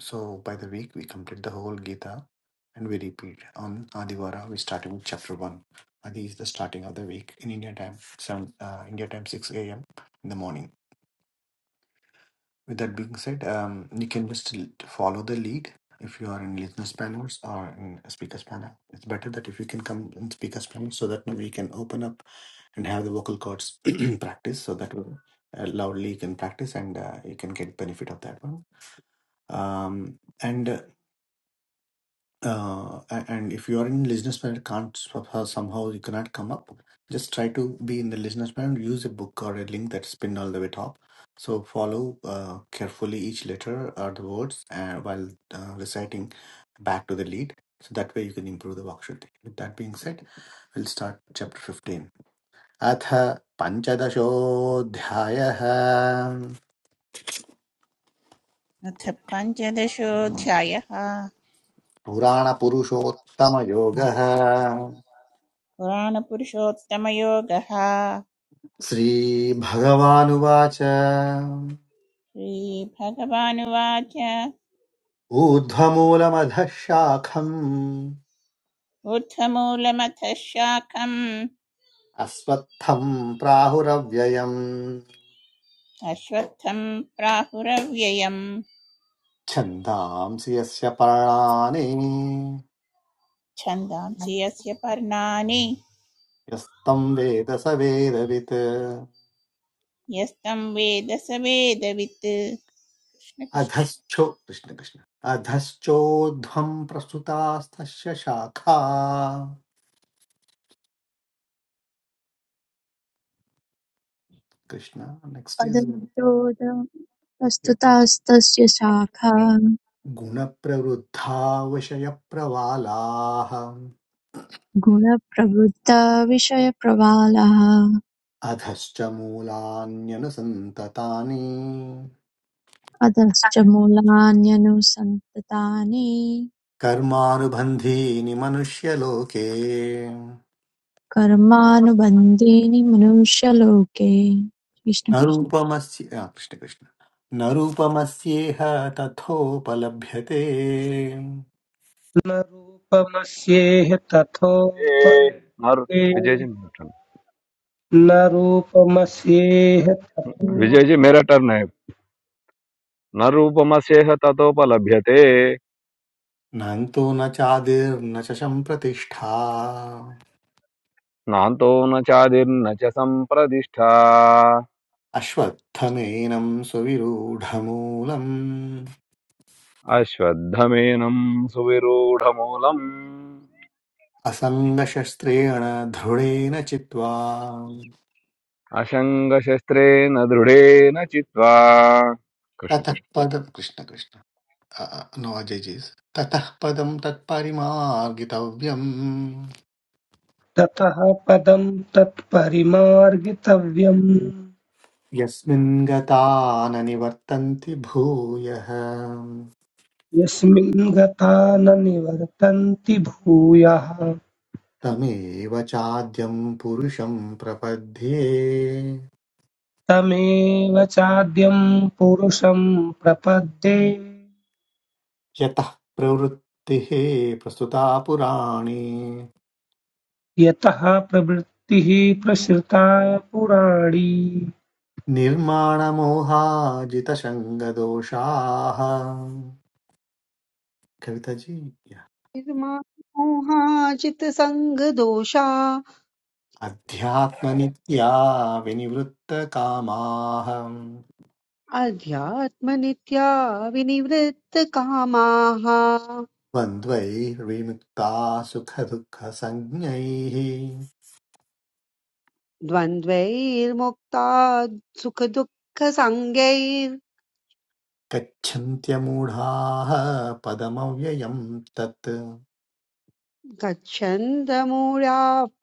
S1: So by the week, we complete the whole Gita and we repeat. On Adivara, we start with chapter 1. Adi is the starting of the week in India time, 7, uh, India time 6 a.m. in the morning With that being said, um, you can just l- follow the lead if you are in listeners panels or in speakers panel. It's better that if you can come in speakers panel so that we can open up and have the vocal cords practice so that uh, loudly you can practice and uh, you can get benefit of that one. Um, and uh, uh, a- and if you are in listener panel can't somehow somehow you cannot come up just try to be in the listener panel use a book or a link that's pinned all the way top so follow uh, carefully each letter or the words and while uh, reciting back to the lead so that way you can improve the worksheet with that being said we'll start chapter 15 अथ पञ्चदशोऽध्यायः
S5: अथ पञ्चदशोऽध्यायः
S1: पुराणपुरुषोत्तमयोगः
S5: पुराणपुरुषोत्तमयोगः
S1: श्रीभगवानुवाच
S5: श्रीभगवानुवाच
S1: ऊर्ध्वमूलमधः शाखम्
S5: ऊर्ध्वमूलमथ शाखम्
S1: अस्वत्थम् प्राहुरव्ययम्
S5: अश्वत्थम् प्राहुरव्ययम्
S1: छन्दांसि यस्य पर्णानि
S5: छन्दांसि यस्य पर्णानि
S1: यस्तम् वेद स वेदवित्
S5: यस्तं वेद स वेदवित् कृष्णकृष्ण
S1: अधश्चो कृष्णकृष्ण अधश्चोध्वम् प्रसृतास्तस्य शाखा कृष्ण नेक्स्ट् इस्
S6: अदन्तोदस्तुतास्तस्य शाखा
S1: गुणप्रवृद्धा विषयप्रवालाः
S6: गुणप्रवृत्ता विषयप्रवालः
S1: अधश्च मूलान्यनुसन्ततानि
S6: अधश्च मूलान्यनुसन्ततानि
S1: कर्मानुबन्धीनि मनुष्यलोके न
S6: कर्मानुबन्धीनि मनुष्यलोके कृष्ण कृष्ण
S1: रूपमस्य आ, कृष्ण कृष्ण न रूपमस्येह तथोपलभ्यते
S4: न रूपमस्येह
S7: ए नर
S4: तथोपलभ्यते
S7: विजय जी मेरा turn.
S4: न रूपमस्येह तथो
S7: विजय जी मेरा टर्न है न रूपमस्येह ततोपलभ्यते
S1: नान्तो न चादिर्न च सम्प्रतिष्ठा
S7: नान्तो न चादिर्न च सम्प्रतिष्ठा
S1: अश्वत्थमेनं सुविरूढमूलम्
S7: अश्वत्थमेनं सुविरूढमूलम्
S1: असङ्गशस्त्रेण दृढेन चित्वा
S7: असङ्गशस्त्रेण दृढेन चित्वा
S1: ततः पद कृष्ण कृष्ण नोऽजेजिस् ततः पदं तत्परिमार्गितव्यम्
S4: ततः पदं तत्परिमार्गितव्यम्
S1: यस्मिन् गता न निवर्तन्ति भूयः
S4: यस्मिन् गता न निवर्तन्ति भूयः
S1: तमेव चाद्यं पुरुषं प्रपद्ये
S4: तमेव चाद्यं पुरुषं प्रपद्ये
S1: यतः प्रवृत्तिः प्रस्तुता पुराणी
S4: यतः प्रवृत्तिः प्रसृता पुराणी
S1: निर्माणमोहाजितशङ्गदोषाः कविताजी
S8: निर्मामोहाजित सङ्गदोषा
S1: अध्यात्मनित्या विनिवृत्तकामाः
S8: अध्यात्मनित्या विनिवृत्तकामाः
S1: द्वन्द्वैर्विमुक्ताः सुखदुःखसञ्ज्ञैः
S8: द्वन्द्वैर्मुक्ता सुखदुःखसाङ्गैर्गच्छन्दमूढाः
S1: गच्छन्त्यमूढाः पदमव्ययम् तत्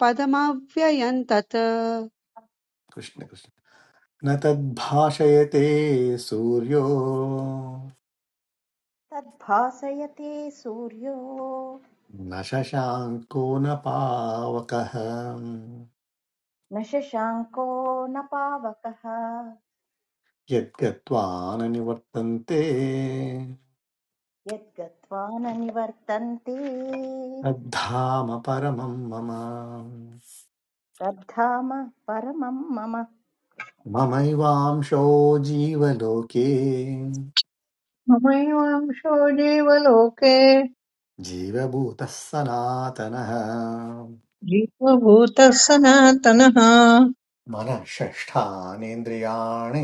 S8: पदमव्ययम् तत्
S1: कृष्ण कृष्ण न तद्भाषयते सूर्यो
S2: तद्भासयते सूर्यो
S1: न शशाङ्को न पावकः
S2: न शशाङ्को न पावकः
S1: यद्गत्वा न निवर्तन्ते
S2: यद्गत्वा न निवर्तन्ते
S1: तद्धाम परमं मम
S2: तद्धाम परमं मम
S1: ममैवांशो जीवलोके
S3: ममैवांशो जीवलोके
S1: जीवभूतः सनातनः
S3: जीवभूतः सनातनः
S1: मनः षष्ठानेन्द्रियाणि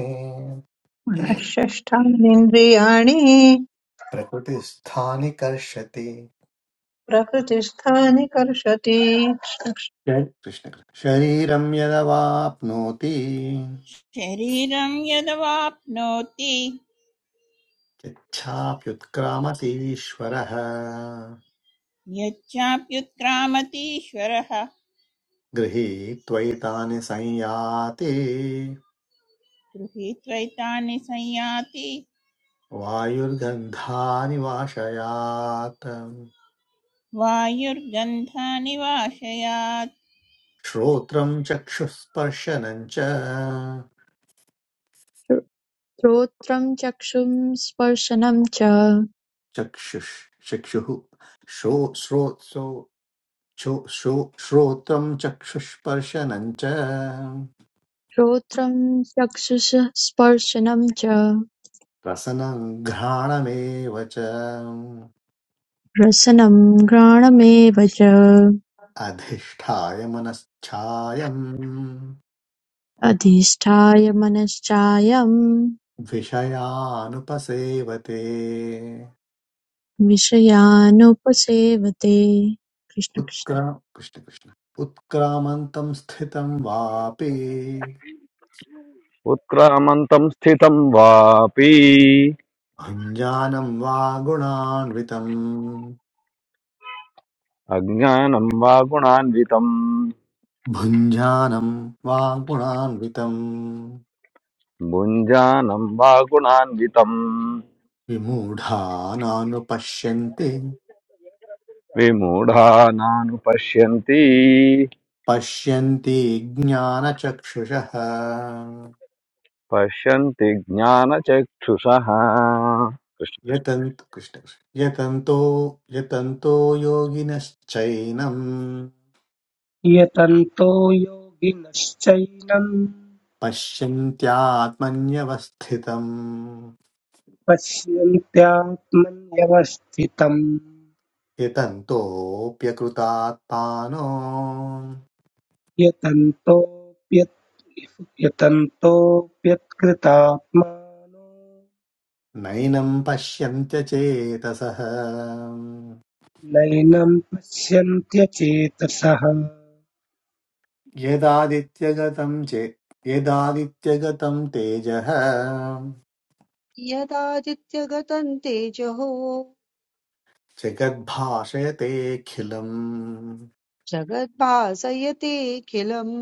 S3: मनःषष्ठानीन्द्रियाणि
S1: प्रकृतिस्थानि कर्षति
S3: प्रकृतिस्थानि कर्षति कृष्णम्
S1: श- कृष्ण कृष्ण। शरीरं यदवाप्नोति
S5: शरीरं यदवाप्नोति
S1: यच्छाप्युत्क्रामतीश्वरः
S5: यच्चाप्युत्क्रामतीश्वरः
S1: गृहीत्वैतानि संयाति
S5: गृहीत्वैतानि संयाति
S1: वायुर्गन्धानि वाशयात्
S5: वायुर्गन्धानि वाशयात्
S1: श्रोत्रं चक्षुस्पर्शनं च
S6: श्रोत्रं चक्षुस्पर्शनं च
S1: चक्षुः चक्षुः श्रो श्रोत्सो छो श्रो श्रोत्रं चक्षुष्पर्शनं च
S6: श्रोत्रं चक्षुस्पर्शनं च
S1: रसनं घ्राणमेव च
S6: रसनं घ्राणमेव च
S1: अधिष्ठाय मनश्चायं
S6: अधिष्ठाय मनश्चायं
S1: विषयानुपसेवते
S6: विषयानुपसेवते कृष्ण कृष्ण।
S1: उत्क्रा कृष्ण कृष्ण उत्क्रामन्तं स्थितं वापि
S7: उत्क्रामन्तं स्थितं वापि
S1: भुञ्जानं वा गुणान्वितम्
S7: अज्ञानं वा गुणान्वितं
S1: भुञ्जानं वा गुणान्वितं
S7: भुञ्जानं वा गुणान्वितं
S1: विमूढानानुपश्यन्ति
S7: विमूढानानुपश्यन्ति
S1: पश्यन्ति ज्ञानचक्षुषः
S7: पश्यन्ति ज्ञानचक्षुषः कृष्ण कृष्ण।
S1: यतन्त कृष्ण यतन्तो यतन्तो योगिनश्चैनं
S4: यतन्तो योगिनश्चैनं
S1: पश्यन्त्यात्मन्यवस्थितम्
S4: पश्यन्त्यात्मन्यवस्थितम्
S1: यतन्तोऽप्यकृतात्मानो
S4: यतन्तोऽप्यत् यतन्तोऽप्यत्कृतात्मानो
S1: नैनं पश्यन्त्यचेतसः
S4: नैनं पश्यन्त्यचेतसः
S1: यदादित्यगतं चे यदादित्यगतं तेजः
S8: यदादित्यगतम् तेजहो
S1: जगद्भाषयतेऽखिलम्
S8: जगद्भासयतेऽखिलम्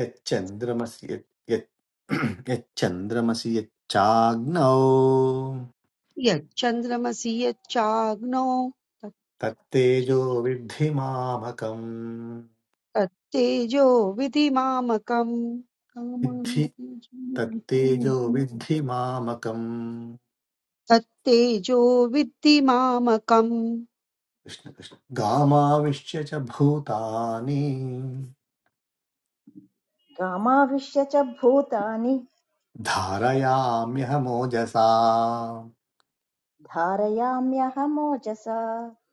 S1: यच्चन्द्रमसि यत् यत्- यच्चन्द्रमसि यच्चाग्नौ
S8: यच्चन्द्रमसि यच्चाग्नौ
S1: तत्तेजो विद्धि मामकम्
S8: तच्चेजो विधि मामकम्
S1: विद्धि तत्तेजो विद्धि मामकम्
S8: तत्तेजो विद्धि मामकम्
S1: कृष्ण कृष्ण गामाविश्य च भूतानि
S2: गामाविश्य च भूतानि
S1: धारयाम्यहमोजसा
S2: धारयाम्यहमोजसा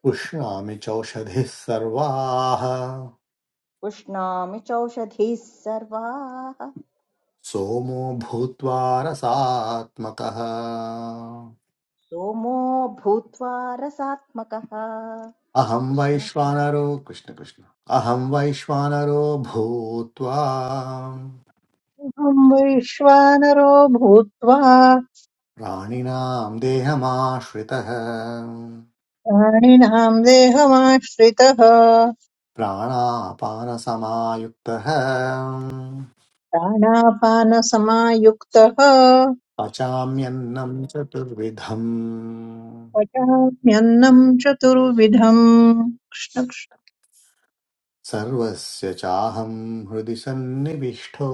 S1: पुष्णामि चौषधिः सर्वाः
S2: पुष्णामि चौषधीः सर्वाः
S1: सोमो भूत्वा रसात्मकः
S2: सोमो भूत्वा रसात्मकः
S1: अहं
S2: कृष्ण
S1: वैश्वानरो कृष्णकृष्ण अहं वैश्वानरो भूत्वा
S3: वैश्वानरो भूत्वा
S1: प्राणिनां देहमाश्रितः
S3: प्राणिनाम् देहमाश्रितः
S1: प्राणापानसमायुक्तः
S3: प्राणापानसमायुक्तः
S1: पचाम्यन्नं चतुर्विधम्
S3: पचाम्यन्नम् चतुर्विधम्
S1: सर्वस्य चाहं हृदि सन्निविष्टो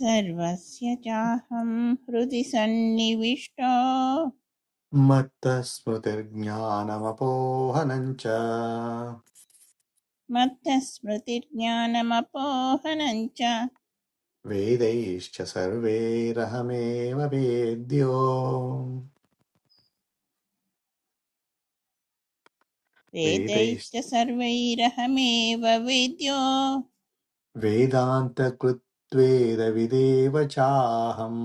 S5: सर्वस्य चाहं हृदि सन्निविष्टो
S1: मत्तस्मृतिर्ज्ञानमपोहनम् च
S5: मत्तस्मृतिर्ज्ञानमपोहनञ्च
S1: वेदैश्च सर्वैरहमेव वेद्यो वेदैः
S5: वेदैश्च सर्वैरहमेव विद्यो
S1: वेदान्तकृत्वेदविदेव चाहम्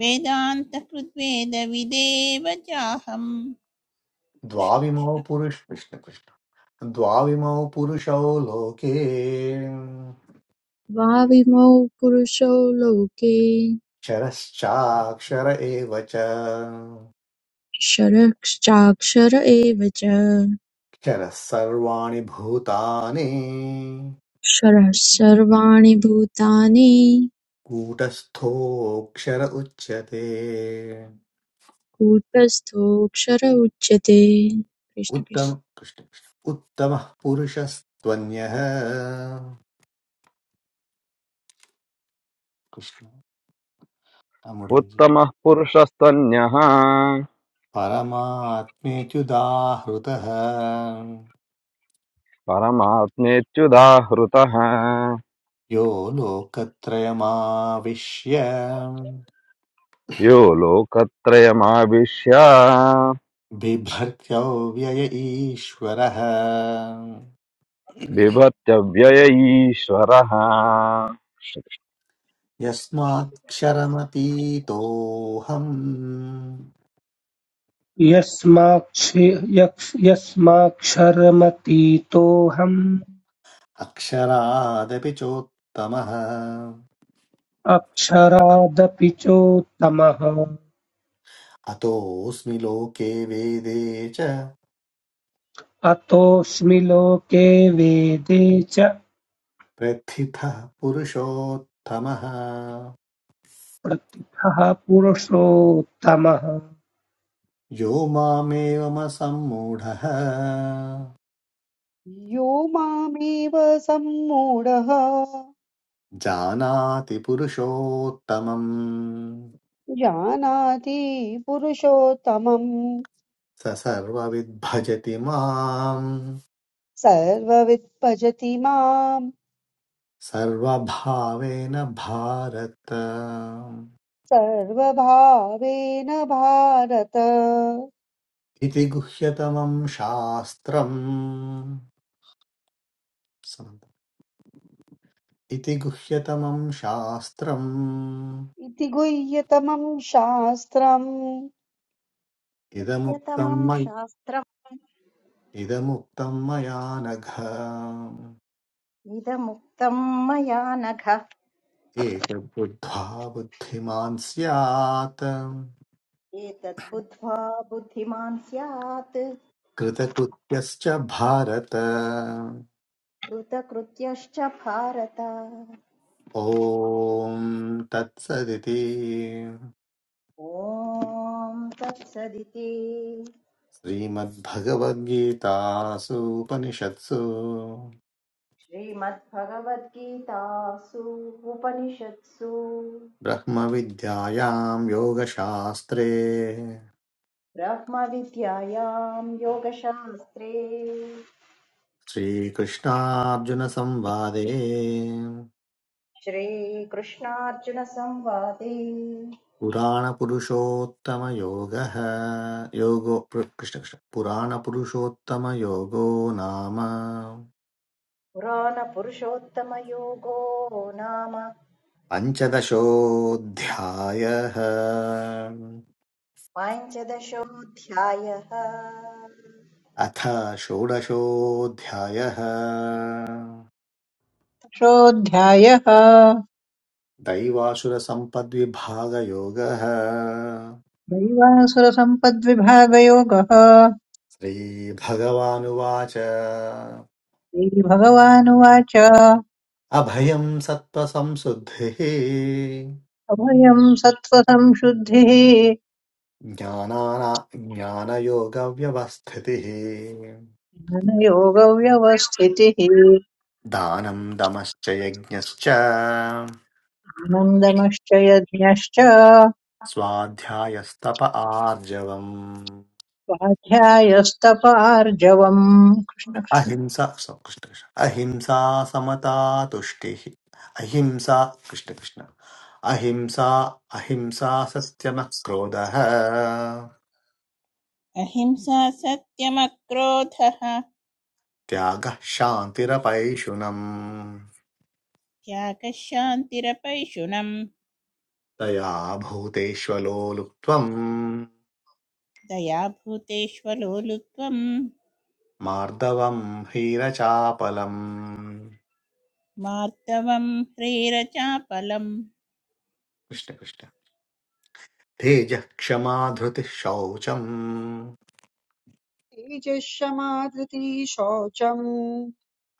S5: वेदान्तकृद्वेदविदेव चाहम् कृष्ण
S1: द्वाविमौ
S5: कृष्ण।
S1: पुरुष कृष्ण। कृष्ण द्वाविमौ पुरुषौ लोके
S6: द्वाविमौ पुरुषौ लोके
S1: क्षरश्चाक्षर एव च
S6: क्षरश्चाक्षर एव च
S1: क्षरः सर्वाणि भूतानि
S6: क्षरः सर्वाणि भूतानि
S1: कूटस्थोऽक्षर उच्यते
S6: कूटस्थोऽक्षर उच्यते कृष्ण कृष्ण
S1: उत्तम कृष्ण कृष्ण उत्तमः पुरुषस्त्वन्यः कृष्ण आ, मुरलीजी
S7: उत्तमः पुरुषस्तन्यः
S1: परमात्मेत्युदाहृतः
S7: परमात्मेत्युदाहृतः
S1: यो लोकत्रयमाविश्य
S7: यो लोकत्रयमाविश्य
S1: बिभर्त्यव्यय ईश्वरः
S7: बिभत्यव्यय ईश्वरः
S1: यस्माक्षरमतीतोऽहम्
S4: यस्माक्षि- यक्ष- यस्माक्षरमतीतोऽहम्
S1: अक्षरादपि चोत्तमः
S4: अक्षरादपि चोत्तमः
S1: अतोऽस्मि लोके वेदे च
S4: अतोऽस्मि लोके वेदे च
S1: प्रथितः पुरुषोत्तमः
S4: प्रतिभः पुरुषोत्तमः
S1: यो मामेवमसम्मूढः
S8: यो मामेव सम्मूढः
S1: जानाति पुरुषोत्तमम्
S8: जानाति पुरुषोत्तमम्
S1: स सर्वविद्भजति माम्
S8: सर्ववित् भजति माम्
S1: सर्वभावेन भारत
S8: सर्वभावेन भारत
S1: इति गुह्यतमम् शास्त्रम् इति गुह्यतमम् शास्त्रम्
S8: इति गुह्यतमम् शास्त्रम्
S1: इदमुक्तं मया इदमुक्तं मया नघ
S2: इदमुक्तं मया नघ
S1: एतद्बुद्ध्वा बुद्धिमान् स्यात्
S2: एतद्बुद्ध्वा बुद्धिमान् स्यात्
S1: कृतकृत्यश्च भारत
S2: कृतकृत्यश्च भारत
S1: ॐ तत्सदिति
S2: ॐ तत्सदिति
S1: श्रीमद्भगवद्गीतासु उपनिषत्सु
S2: श्रीमद्भगवद्गीतासु उपनिषत्सु
S1: ब्रह्मविद्यायां योगशास्त्रे
S2: ब्रह्मविद्यायां योगशास्त्रे
S1: श्रीकृष्णार्जुनसंवादे
S2: श्रीकृष्णार्जुनसंवादे
S1: पुराणपुरुषोत्तमयोगः योगो पु- कृष्ण कृष्ण पुराणपुरुषोत्तमयोगो नाम
S2: पुराणपुरुषोत्तमयोगो नाम
S1: पञ्चदशोऽध्यायः
S2: पञ्चदशोऽध्यायः
S1: अथ षोडशोऽध्यायः
S3: कृष्णकृष्णोऽध्यायः
S1: दैवासुरसम्पद्विभागयोगः
S3: दैवासुरसम्पद्विभागयोगः
S1: श्रीभगवानुवाच
S3: श्रीभगवानुवाच
S1: अभयं सत्त्वसंशुद्धिः
S3: अभयम् सत्त्वसंशुद्धिः
S1: ज्ञानाना ज्ञानयोगव्यवस्थितिः
S3: ज्ञानयोगव्यवस्थितिः
S1: दानं दमश्च यज्ञश्च
S3: आनन्दमश्च यज्ञश्च
S1: स्वाध्यायस्तप आर्जवम्
S3: स्वाध्यायस्तपार्जवम् कृष्ण
S1: अहिंसा सौ- कृष्ण कृष्ण अहिंसा समता तुष्टिः अहिंसा कृष्ण कृष्ण अहिंसा अहिंसा सत्यमः क्रोधः
S5: अहिंसा सत्यमक्रोधः
S1: त्यागः शान्तिरपैशुनम्
S5: त्यागः शान्तिरपैशुनम्
S1: दया भूतेष्वलोलुप्त्वम्
S5: दया भूतेष्वलोलुत्वम्
S1: मार्दवम् ह्रीरचापलम्
S5: मार्दवम् ह्रीरचापलम्
S1: कृष्ण कृष्ण तेजः क्षमा धृतिः शौचम्
S8: तेजः क्षमा धृतिः शौचम्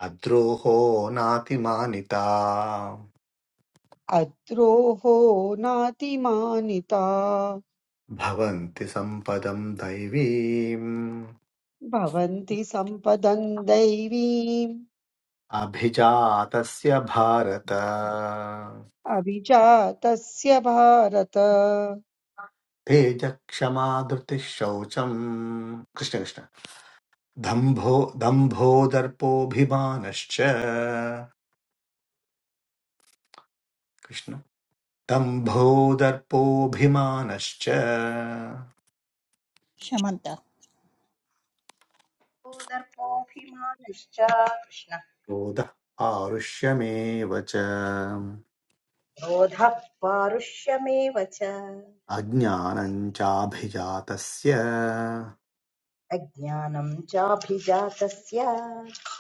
S1: अद्रोहो नातिमानिता
S8: अद्रोः नातिमानिता
S1: भवन्ति सम्पदम् दैवीम्
S8: भवन्ति सम्पदं दैवीम्
S1: अभिजातस्य भारत
S8: अभिजातस्य भारत
S1: तेजः क्षमा धृतिः शौचम् कृष्ण कृष्ण दम्भो दम्भो दर्पोऽभिमानश्च कृष्ण दम्भोदर्पोऽभिमानश्च
S5: शमन्त
S2: को दर्पोऽभिमानश्च कृष्णः
S1: क्रोधः पारुष्यमेव च
S2: क्रोधः पारुष्यमेव च
S1: अज्ञानम् चाभिजातस्य
S2: अज्ञानं चाभिजातस्य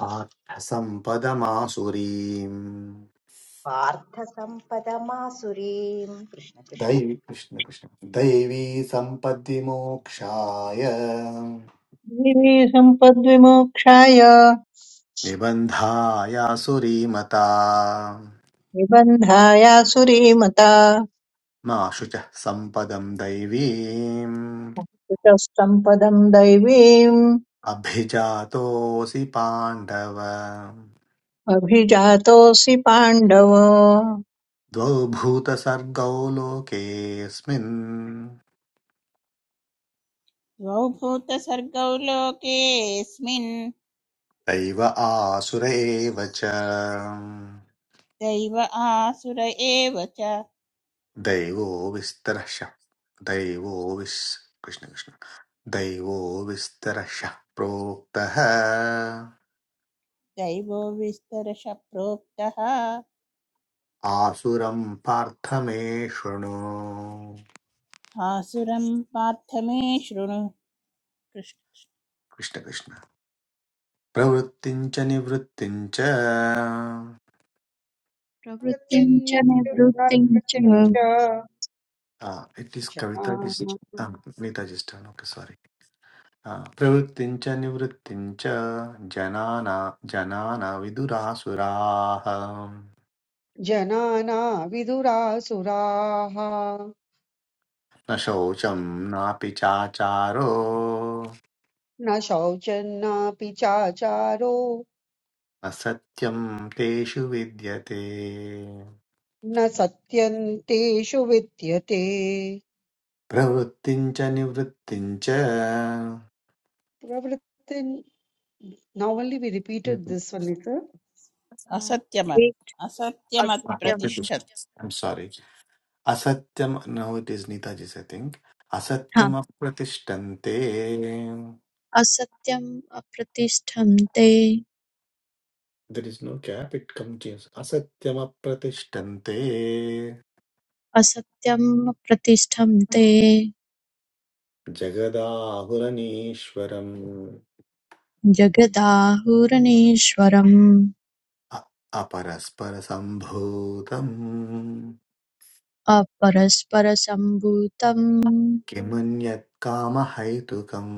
S1: पार्थसम्पदमासुरीम्
S2: पार्थसम्पदमासुरीम् कृष्ण कृष्ण
S1: दैवी कृष्ण कृष्ण दैवी सम्पद्विमोक्षाय
S3: देवी सम्पद्विमोक्षाय
S1: निबन्धायासुरीमता
S3: निबन्धायासुरीमता
S1: मा शुचः सम्पदम् दैवीम्
S3: कुटस्थम् पदम् दैवीम्
S1: अभिजातोऽसि पाण्डव
S3: अभिजातोऽसि पाण्डव
S1: द्वौ भूतसर्गौ लोकेऽस्मिन्
S5: द्वौ भूतसर्गौ लोकेऽस्मिन्
S1: दैव आसुर एव च
S5: दैव आसुर एव च
S1: दैवो विस्तरशः दैवो विस् कृष्ण कृष्ण दैवो विस्तरशः प्रोक्तः
S5: दैवो विस्तरश प्रोक्तः
S1: आसुरं पार्थ मे शृणु
S5: आसुरं पार्थ मे शृणु कृष्ण।
S1: कृष्ण कृष्ण प्रवृत्तिं च निवृत्तिं च
S6: प्रवृत्तिं च
S8: गतिन्य-
S6: निवृत्तिं च
S8: गतिं च
S1: इट् इस् कविता
S8: जनाना
S1: नीताजिष्ठान् ओके सॉरी हा, प्रवृत्तिं च निवृत्तिं च जनाना जनान विदुरासुराः
S8: जनाना विदुरासुराः
S1: न शौचं नापि चाचारो न
S8: न शौचन्नापि चाचारो
S1: सत्यं तेषु विद्यते
S8: न सत्यन्तेषु विद्यते
S1: प्रवृत्तिं च निवृत्तिं च
S8: प्रवृत्तिन् Now only we repeated this one later.
S6: अ,
S5: असत्यमत्
S6: ए-
S5: असत्यमत्
S6: असत्यं
S5: प्रतिष्ठत्
S1: सारी असत्यं no it is Nitaji's I think
S6: हा
S1: असत्यमप्रतिष्ठन्ते
S6: असत्यं प्रतिष्ठं ते
S1: there is no keep it comes असत्यमप्रतिष्ठन्ते
S6: असत्यं प्रतिष्ठं ते
S1: जगदाहुरनीश्वरम्
S6: जगदाहुरनीश्वरम्
S1: अ- अपरस्परसम्भूतम्
S6: अपरस्परसम्भूतं
S1: किमन्यत् कामहैतुकम्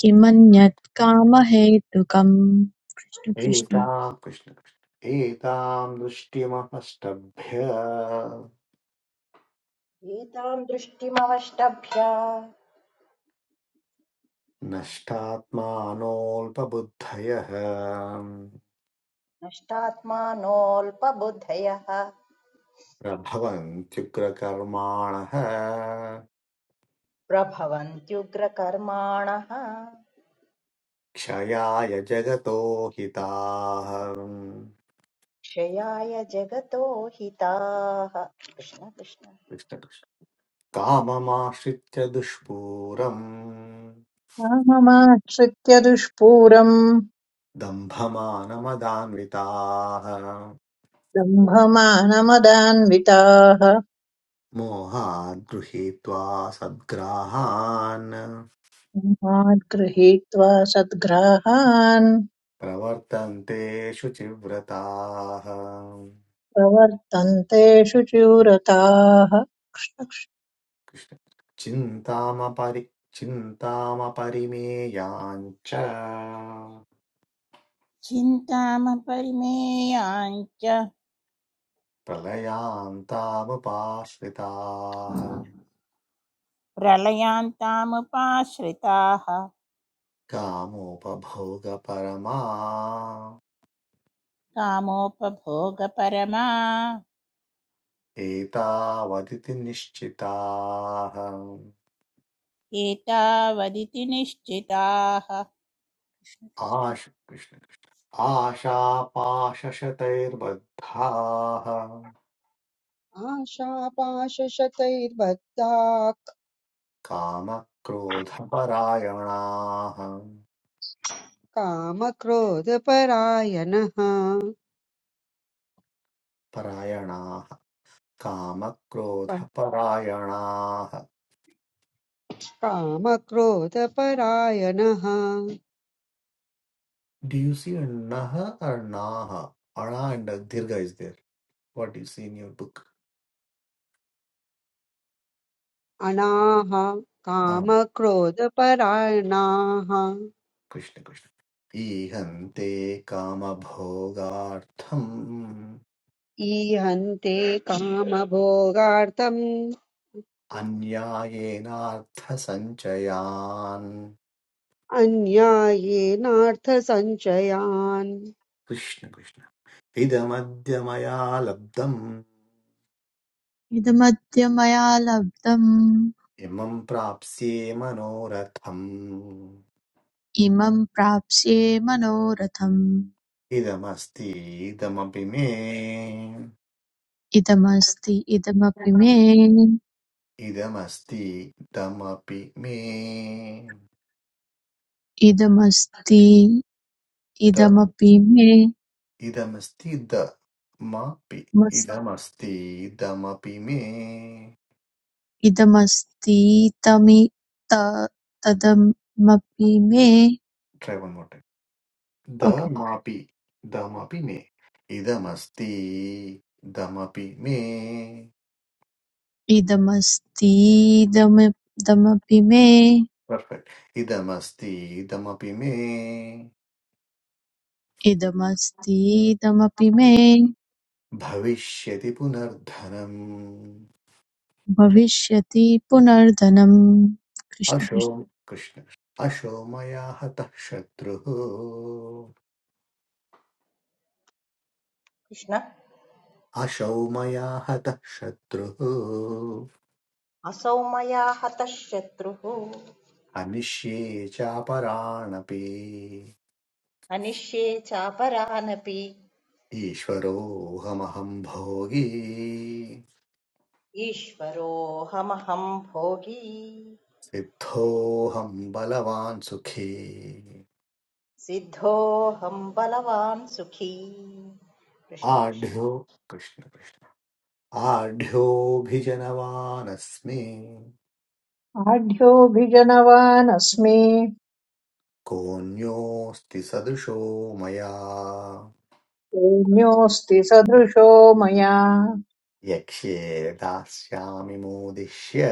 S6: किमन्यत् कामहेतुकम् कृष्ण कृष्ण।
S1: एता कृष्ण कृष्ण। एतां दृष्टिमपष्टभ्य
S2: एतां दृष्टिमवष्टभ्य
S1: नष्टात्मानोऽल्पबुद्धयः
S2: नष्टात्मानोऽल्पबुद्धयः
S1: प्रभवन्त्युग्रकर्माणः
S2: प्रभवन्त्युग्रकर्माणः
S1: क्षयाय जगतो हिताः
S2: क्षयाय जगतो हिताः कृष्ण कृष्ण
S1: कृष्ण कृष्ण। काममाश्रित्य दुष्पूरम्
S3: राममाश्रित्य दुष्पूरम्
S1: दम्भमानमदान्विताः
S3: दम्भमानमदान्विताः
S1: मोहाद् गृहीत्वा सद्ग्राहान्
S3: माद्गृहीत्वा सद्ग्राहान्
S1: प्रवर्तन्ते शुचिव्रताः
S3: प्रवर्तन्ते शुचिव्रताः
S1: कृष्ण चिन्तामपरि चिन्तामपरिमेयाञ्च
S5: छिन्तामपरिमेयाञ्च
S1: प्रलयान्तामुपाश्रिताः
S5: प्रलयान्तामुपाश्रिताः
S1: कामोपभोगपरमा
S5: कामोपभोगपरमा
S1: एतावदिति निश्चिताः
S5: एतावदिति निश्चिताः
S1: आश कृष्ण कृष्ण आशापाशशतैर्बद्धाः
S8: आशापाशशतैर्बद्धाः
S1: कामक्रोधपरायणाः
S8: कामक्रोधपरायणः
S1: परायणाः कामक्रोधपरायणाः
S8: कामक्रोधपरायणः
S1: डु यु सी अण्णः अण्णाः अणा अण्ड दीर्घ is there what you see in your book
S8: अनाः
S1: आम्
S8: कामक्रोधपरायणाः
S1: कृष्ण कृष्ण ईहन्ते कामभोगार्थम्
S8: ईहन्ते कामभोगार्थम्
S1: अन्यायेनार्थसञ्चयान्
S8: अन्यायेनार्थसञ्चयान्
S1: कृष्ण कृष्ण इदमद्य मया लब्धम्
S6: इदमद्य मया लब्धम्
S1: इमं प्राप्स्ये मनोरथम्
S6: इमं प्राप्स्ये मनोरथम्
S1: इदमस्ति इदमपि मे
S6: इदमस्ति इदमपि मे
S1: इदमस्ति इदमपि मे
S6: इदमस्ति
S1: द
S6: इदमपि मे
S1: इदमस्ति द मापि
S6: मस्
S1: इदमस्ति इदमपि मे
S6: इदमस्तीतमि त तदमपि मे
S1: ट्रैवन्
S6: ओके
S1: दमापि दमपि मे इदमस्ति दमपि मे
S6: इदमस्तीदमपि मे
S1: पर्फेक्ट् इदमस्ति इदमपि मे
S6: इदमस्तीदमपि मे
S1: भविष्यति पुनर्धनम्
S6: भविष्यति पुनर्धनम् कृष्ण
S1: अशो
S6: कृष्ण
S1: कृष्ण अशो मया हतः शत्रुः
S2: कृष्ण
S1: अशौ मया हतः शत्रुः
S2: असौ मया हतः शत्रुः
S1: अनिष्ये चापराणपि
S2: अनिष्ये चापरानपि
S1: ईश्वरोऽहमहं भोगी
S2: ईश्वरोऽहमहं भोगी
S1: सिद्धोऽहं बलवान् सुखी
S2: सिद्धोऽहं बलवान् सुखी कृष्ण कृष्ण
S1: आढ्यो कृष्ण कृष्ण आढ्योऽभिजनवानस्मि
S3: आढ्योऽभिजनवानस्मि
S1: कोऽन्योऽस्ति सदृशो मया
S3: प्रेम्योऽस्ति सदृशो मया
S1: यक्ष्ये दास्यामि मोदिष्य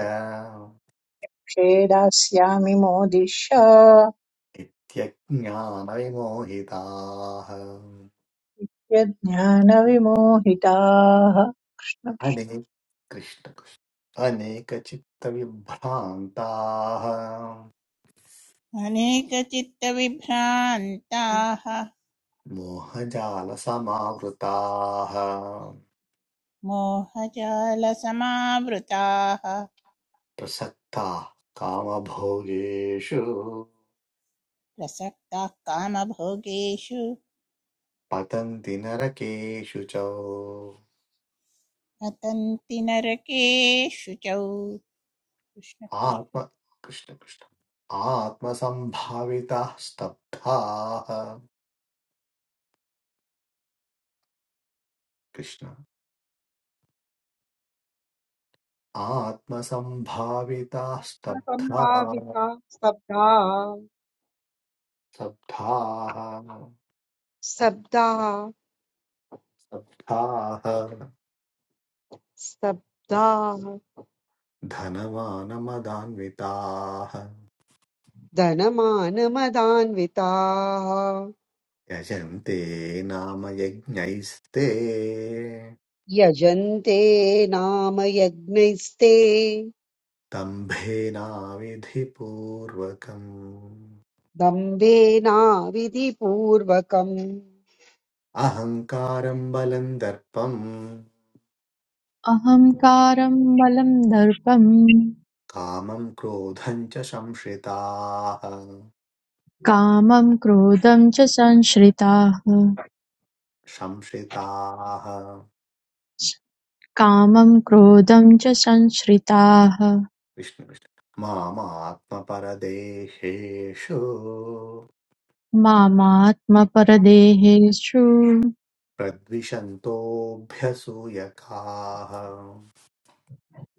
S3: क्षेदास्यामि मोदिष्य
S1: इत्यज्ञानविमोहिताः
S3: यज्ञानविमोहिताः
S1: अनेक कृष्ण कृष्ण अनेकचित्तविभ्रान्ताः
S5: अनेकचित्तविभ्रान्ताः
S1: मोहजालसमावृताः
S5: मोहजालसमावृताः
S1: प्रसक्ताः कामभोगेषु
S5: प्रसक्ताः कामभोगेषु
S1: पतन्ति नरकेषु च
S5: पतन्ति नरकेषु च कृष्ण।
S1: आत्म कृष्ण कृष्ण आत्मसम्भाविताः स्तब्धाः कृष्ण आत्मसम्भाविताः स्तब्धाः
S8: सम्भाविता स्तब्धा
S1: स्तब्धाः
S8: स्तब्धा
S1: स्तब्धाः
S8: स्तब्धा
S1: धनवानमदान्विताः
S8: धनमानमदान्विताः
S1: यजन्ते नाम यज्ञैस्ते
S8: यजन्ते नाम यज्ञैस्ते
S1: दम्भेनाविधिपूर्वकम्
S8: दम्भेनाविधिपूर्वकम्
S1: अहङ्कारं बलं दर्पं
S6: अहङ्कारं बलं दर्पं
S1: कामं क्रोधं च संश्रिताः
S6: कामं क्रोधं च संश्रिताः
S1: संश्रिताः
S6: कामं क्रोधं च संश्रिताः
S1: विष्णु विष्णु मामात्मपरदेहेषु
S6: मामात्मपरदेहेषु
S1: प्रद्विषन्तोऽभ्यसूयकाः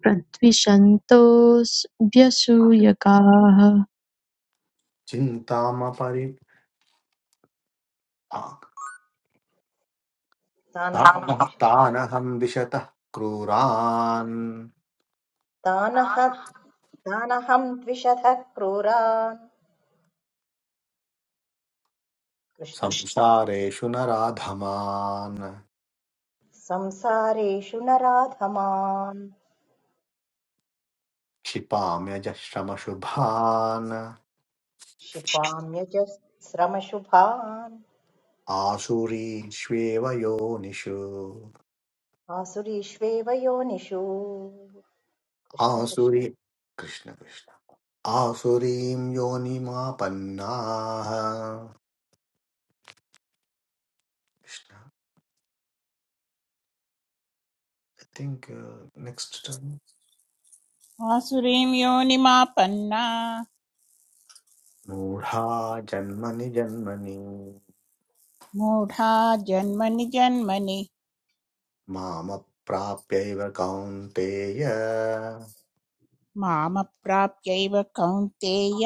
S6: प्रद्विषन्तोऽस्भ्यसूयकाः
S1: चिन्तामपरि
S2: तानहं
S1: तानहं
S2: द्विषध
S1: तानहं दिशतः क्रूरान्
S2: तानह तानहं द्विषधः क्रूरान् कृष्ण
S1: संसारेषु नराधमान्
S2: संसारेषु नराधमान्
S1: क्षिपाम्यजः श्रमशुभान्
S2: क्षिपाम्यजस्रमशुभान्
S1: आसुरीष्वेव योनिषु
S2: आसुरीष्वेव योनिषु कृष्ण कृष्ण
S1: आसुरी कृष्ण कृष्ण आसुरीं योनिमापन्नाः कृष्ण ऐ थिङ्क् नेक्स्ट्
S5: आसुरीं योनिमापन्ना
S1: मूढा जन्मनि जन्मनि
S5: मूढा जन्मनि जन्मनि
S1: मामप्राप्यैव कौन्तेय
S5: मामप्राप्यैव कौन्तेय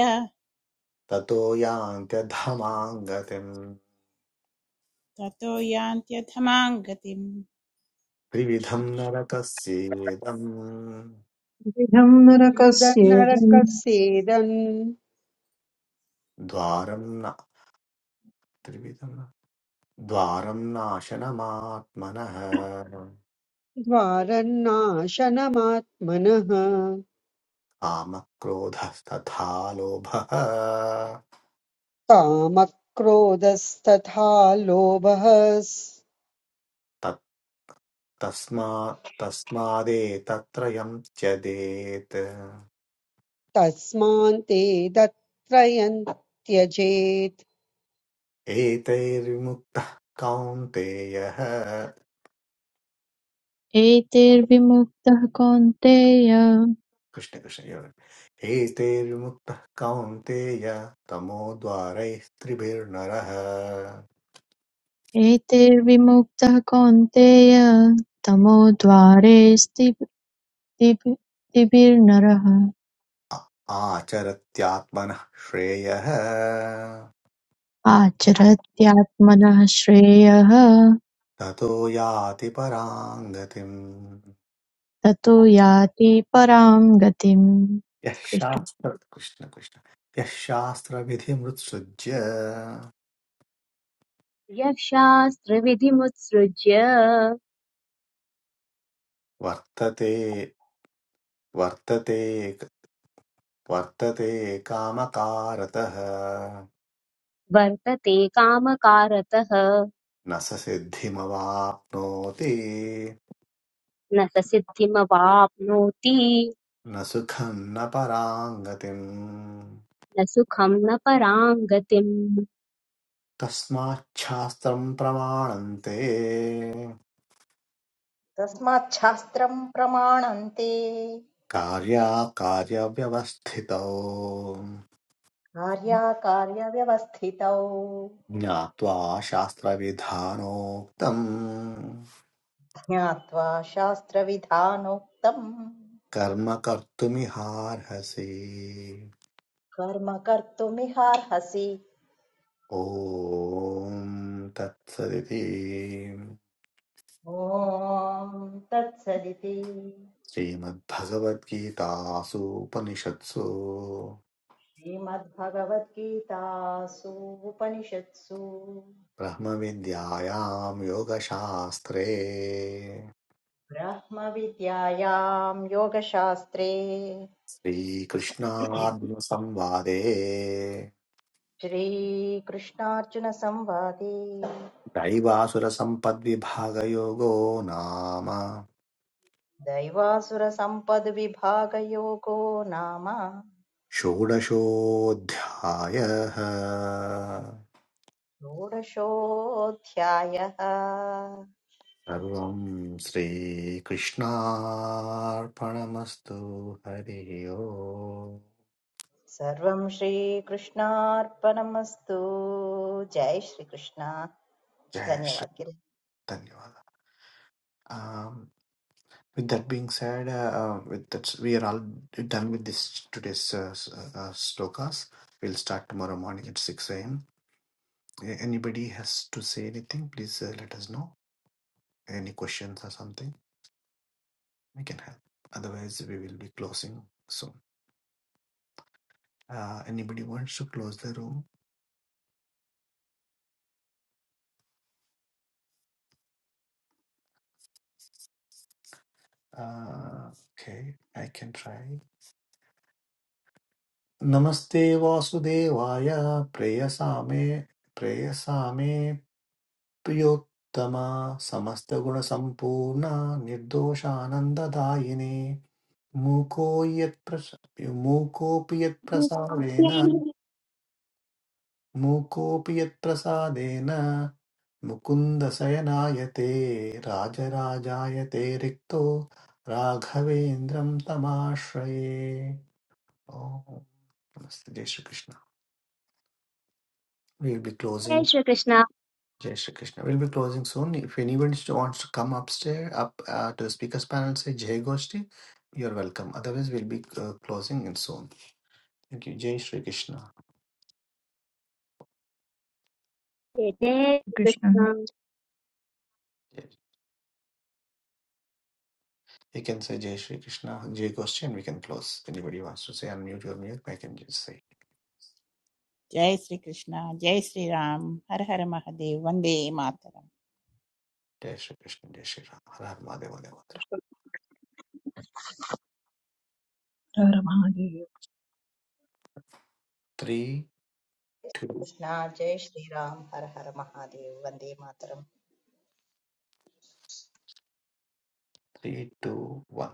S1: ततो यान्त्यधमाङ्गतिम्
S5: ततो यान्त्यथमां गतिम्
S1: त्रिविधम्
S5: कृष्ण कृष्ण।
S1: नरकस्येदम्
S3: कृष्णकृष्णविधम् नरकस्येदम्
S8: विदन्नरकस्येदन्
S1: द्वारम् न त्रिविधम् न द्वारम् नाशनमात्मनः
S8: द्वारन्नाशनमात्मनः
S1: कामक्रोधस्तथा लोभः
S8: कामक्रोधस्तथा लोभः स्-
S1: तत्तस्मा तस्मादेतत्रयम् त्यजेत्
S8: तस्मान् ते दत्रयन् त्यजेत्
S1: एतैर्विमुक्तः कौन्तेयः
S6: एतैर्विमुक्तः कौन्तेय
S1: कृष्ण कृष्ण एवम्। एतैर्विमुक्तः कौन्तेय तमो द्वारैस्त्रिभिर्नरः
S6: एतैर्विमुक्तः कौन्तेय तमोद्वारे स्थितिभिर्- स्थितिभिर्नरः स्थिभि स्थिभिर्नरः
S1: आचरत्यात्मनः श्रेयः
S6: आचरत्यात्मनः श्रेयः
S1: ततो याति परां गतिम्
S6: ततो याति परां गतिम्
S1: यः
S6: कृष्ण
S1: शास्त्र कृष्ण कृष्ण यः शास्त्रविधिमुत्सृज्य
S9: यः शास्त्रविधिमुत्सृज्य
S1: वर्तते वर्तते वर्तते कामकारतः
S9: वर्तते कामकारतः
S1: न स सिद्धिमवाप्नोति
S9: न स सिद्धिमवाप्नोति
S1: न सुखं न परां गतिम्
S9: न सुखं न परां गतिम्
S1: तस्माच्छास्त्रम् प्रमाणन्ते
S2: तस्माच्छास्त्रं प्रमाणन्ते
S1: कार्याकार्यव्यवस्थितौ
S2: कार्याकार्यव्यवस्थितौ
S1: ज्ञात्वा शास्त्रविधानोक्तम्
S2: ज्ञात्वा शास्त्रविधानोक्तम्
S1: कर्म कर्तुमिहार्हसि
S2: कर्म कर्तुमिहार्हसि
S1: ॐ तत्सदिति
S2: ॐ तत्सदिति
S1: श्रीमद्भगवद्गीतासूपनिषत्सु
S2: श्रीमद्भगवद्गीतासु उपनिषत्सु
S1: ब्रह्मविद्यायां योगशास्त्रे
S2: ब्रह्मविद्यायां योगशास्त्रे
S1: श्रीकृष्णार्जुनसंवादे
S2: श्रीकृष्णार्जुनसंवादे
S1: दैवासुरसम्पद्विभागयोगो नाम
S2: दैवासुरसम्पद्विभागयोगो नाम
S1: षोडशोऽध्यायः
S2: षोडशोऽध्यायः
S1: सर्वम् श्रीकृष्णार्पणमस्तु हरिः ओम्
S2: सर्वं श्रीकृष्णार्पणमस्तु जय श्रीकृष्ण
S1: जय
S2: धन्यवाद
S1: श्री
S2: किल
S1: धन्यवाद um, with that being said uh, uh, with that we are all done with this today's uh, s- uh, slokas we'll start tomorrow morning at 6 a.m anybody has to say anything please uh, let us know any questions or something We can help. Otherwise, we will be closing soon. Uh, anybody wants to close the room? Uh, okay, I can try. Namaste Vasudevaya Preyasame Preyasame Priyottama Samastaguna Sampurna Nirdoshanandadayini Muko yat pras- Mukopi yat prasadena
S9: जय
S1: मूकोऽपि यत्प्रसादेन मुकुन्दशयनायते राजराजायते रिक्तो राघवेन्द्रं तमाश्रये ओम Namaste. Jai Shri Krishna. We'll be closing.
S9: Shri Krishna
S1: Jai Shri Krishna. We'll be closing soon. If anyone wants to come upstairs, up uh, to the speakers panel, say Jai Goshti. You're welcome. Otherwise, we'll be uh, closing in soon. Thank you. Jai Shri Krishna.
S9: जय जय
S6: Krishna
S9: Shri Krishna
S1: You can say Jai Shri Krishna, Jai question, we can close. If Anybody wants to say unmute your mute, I can just say
S5: जय श्री कृष्ण जय श्री राम हर हर महादेव वंदे मातरम
S1: Jai Shri Krishna, Jai Shri Ram, Har Har Mahadev, Mahadev, Mahadev. Three, two,
S2: Krishna जय श्रीराम हर हर महादेव वन्दे मातरम्
S1: three, two, one.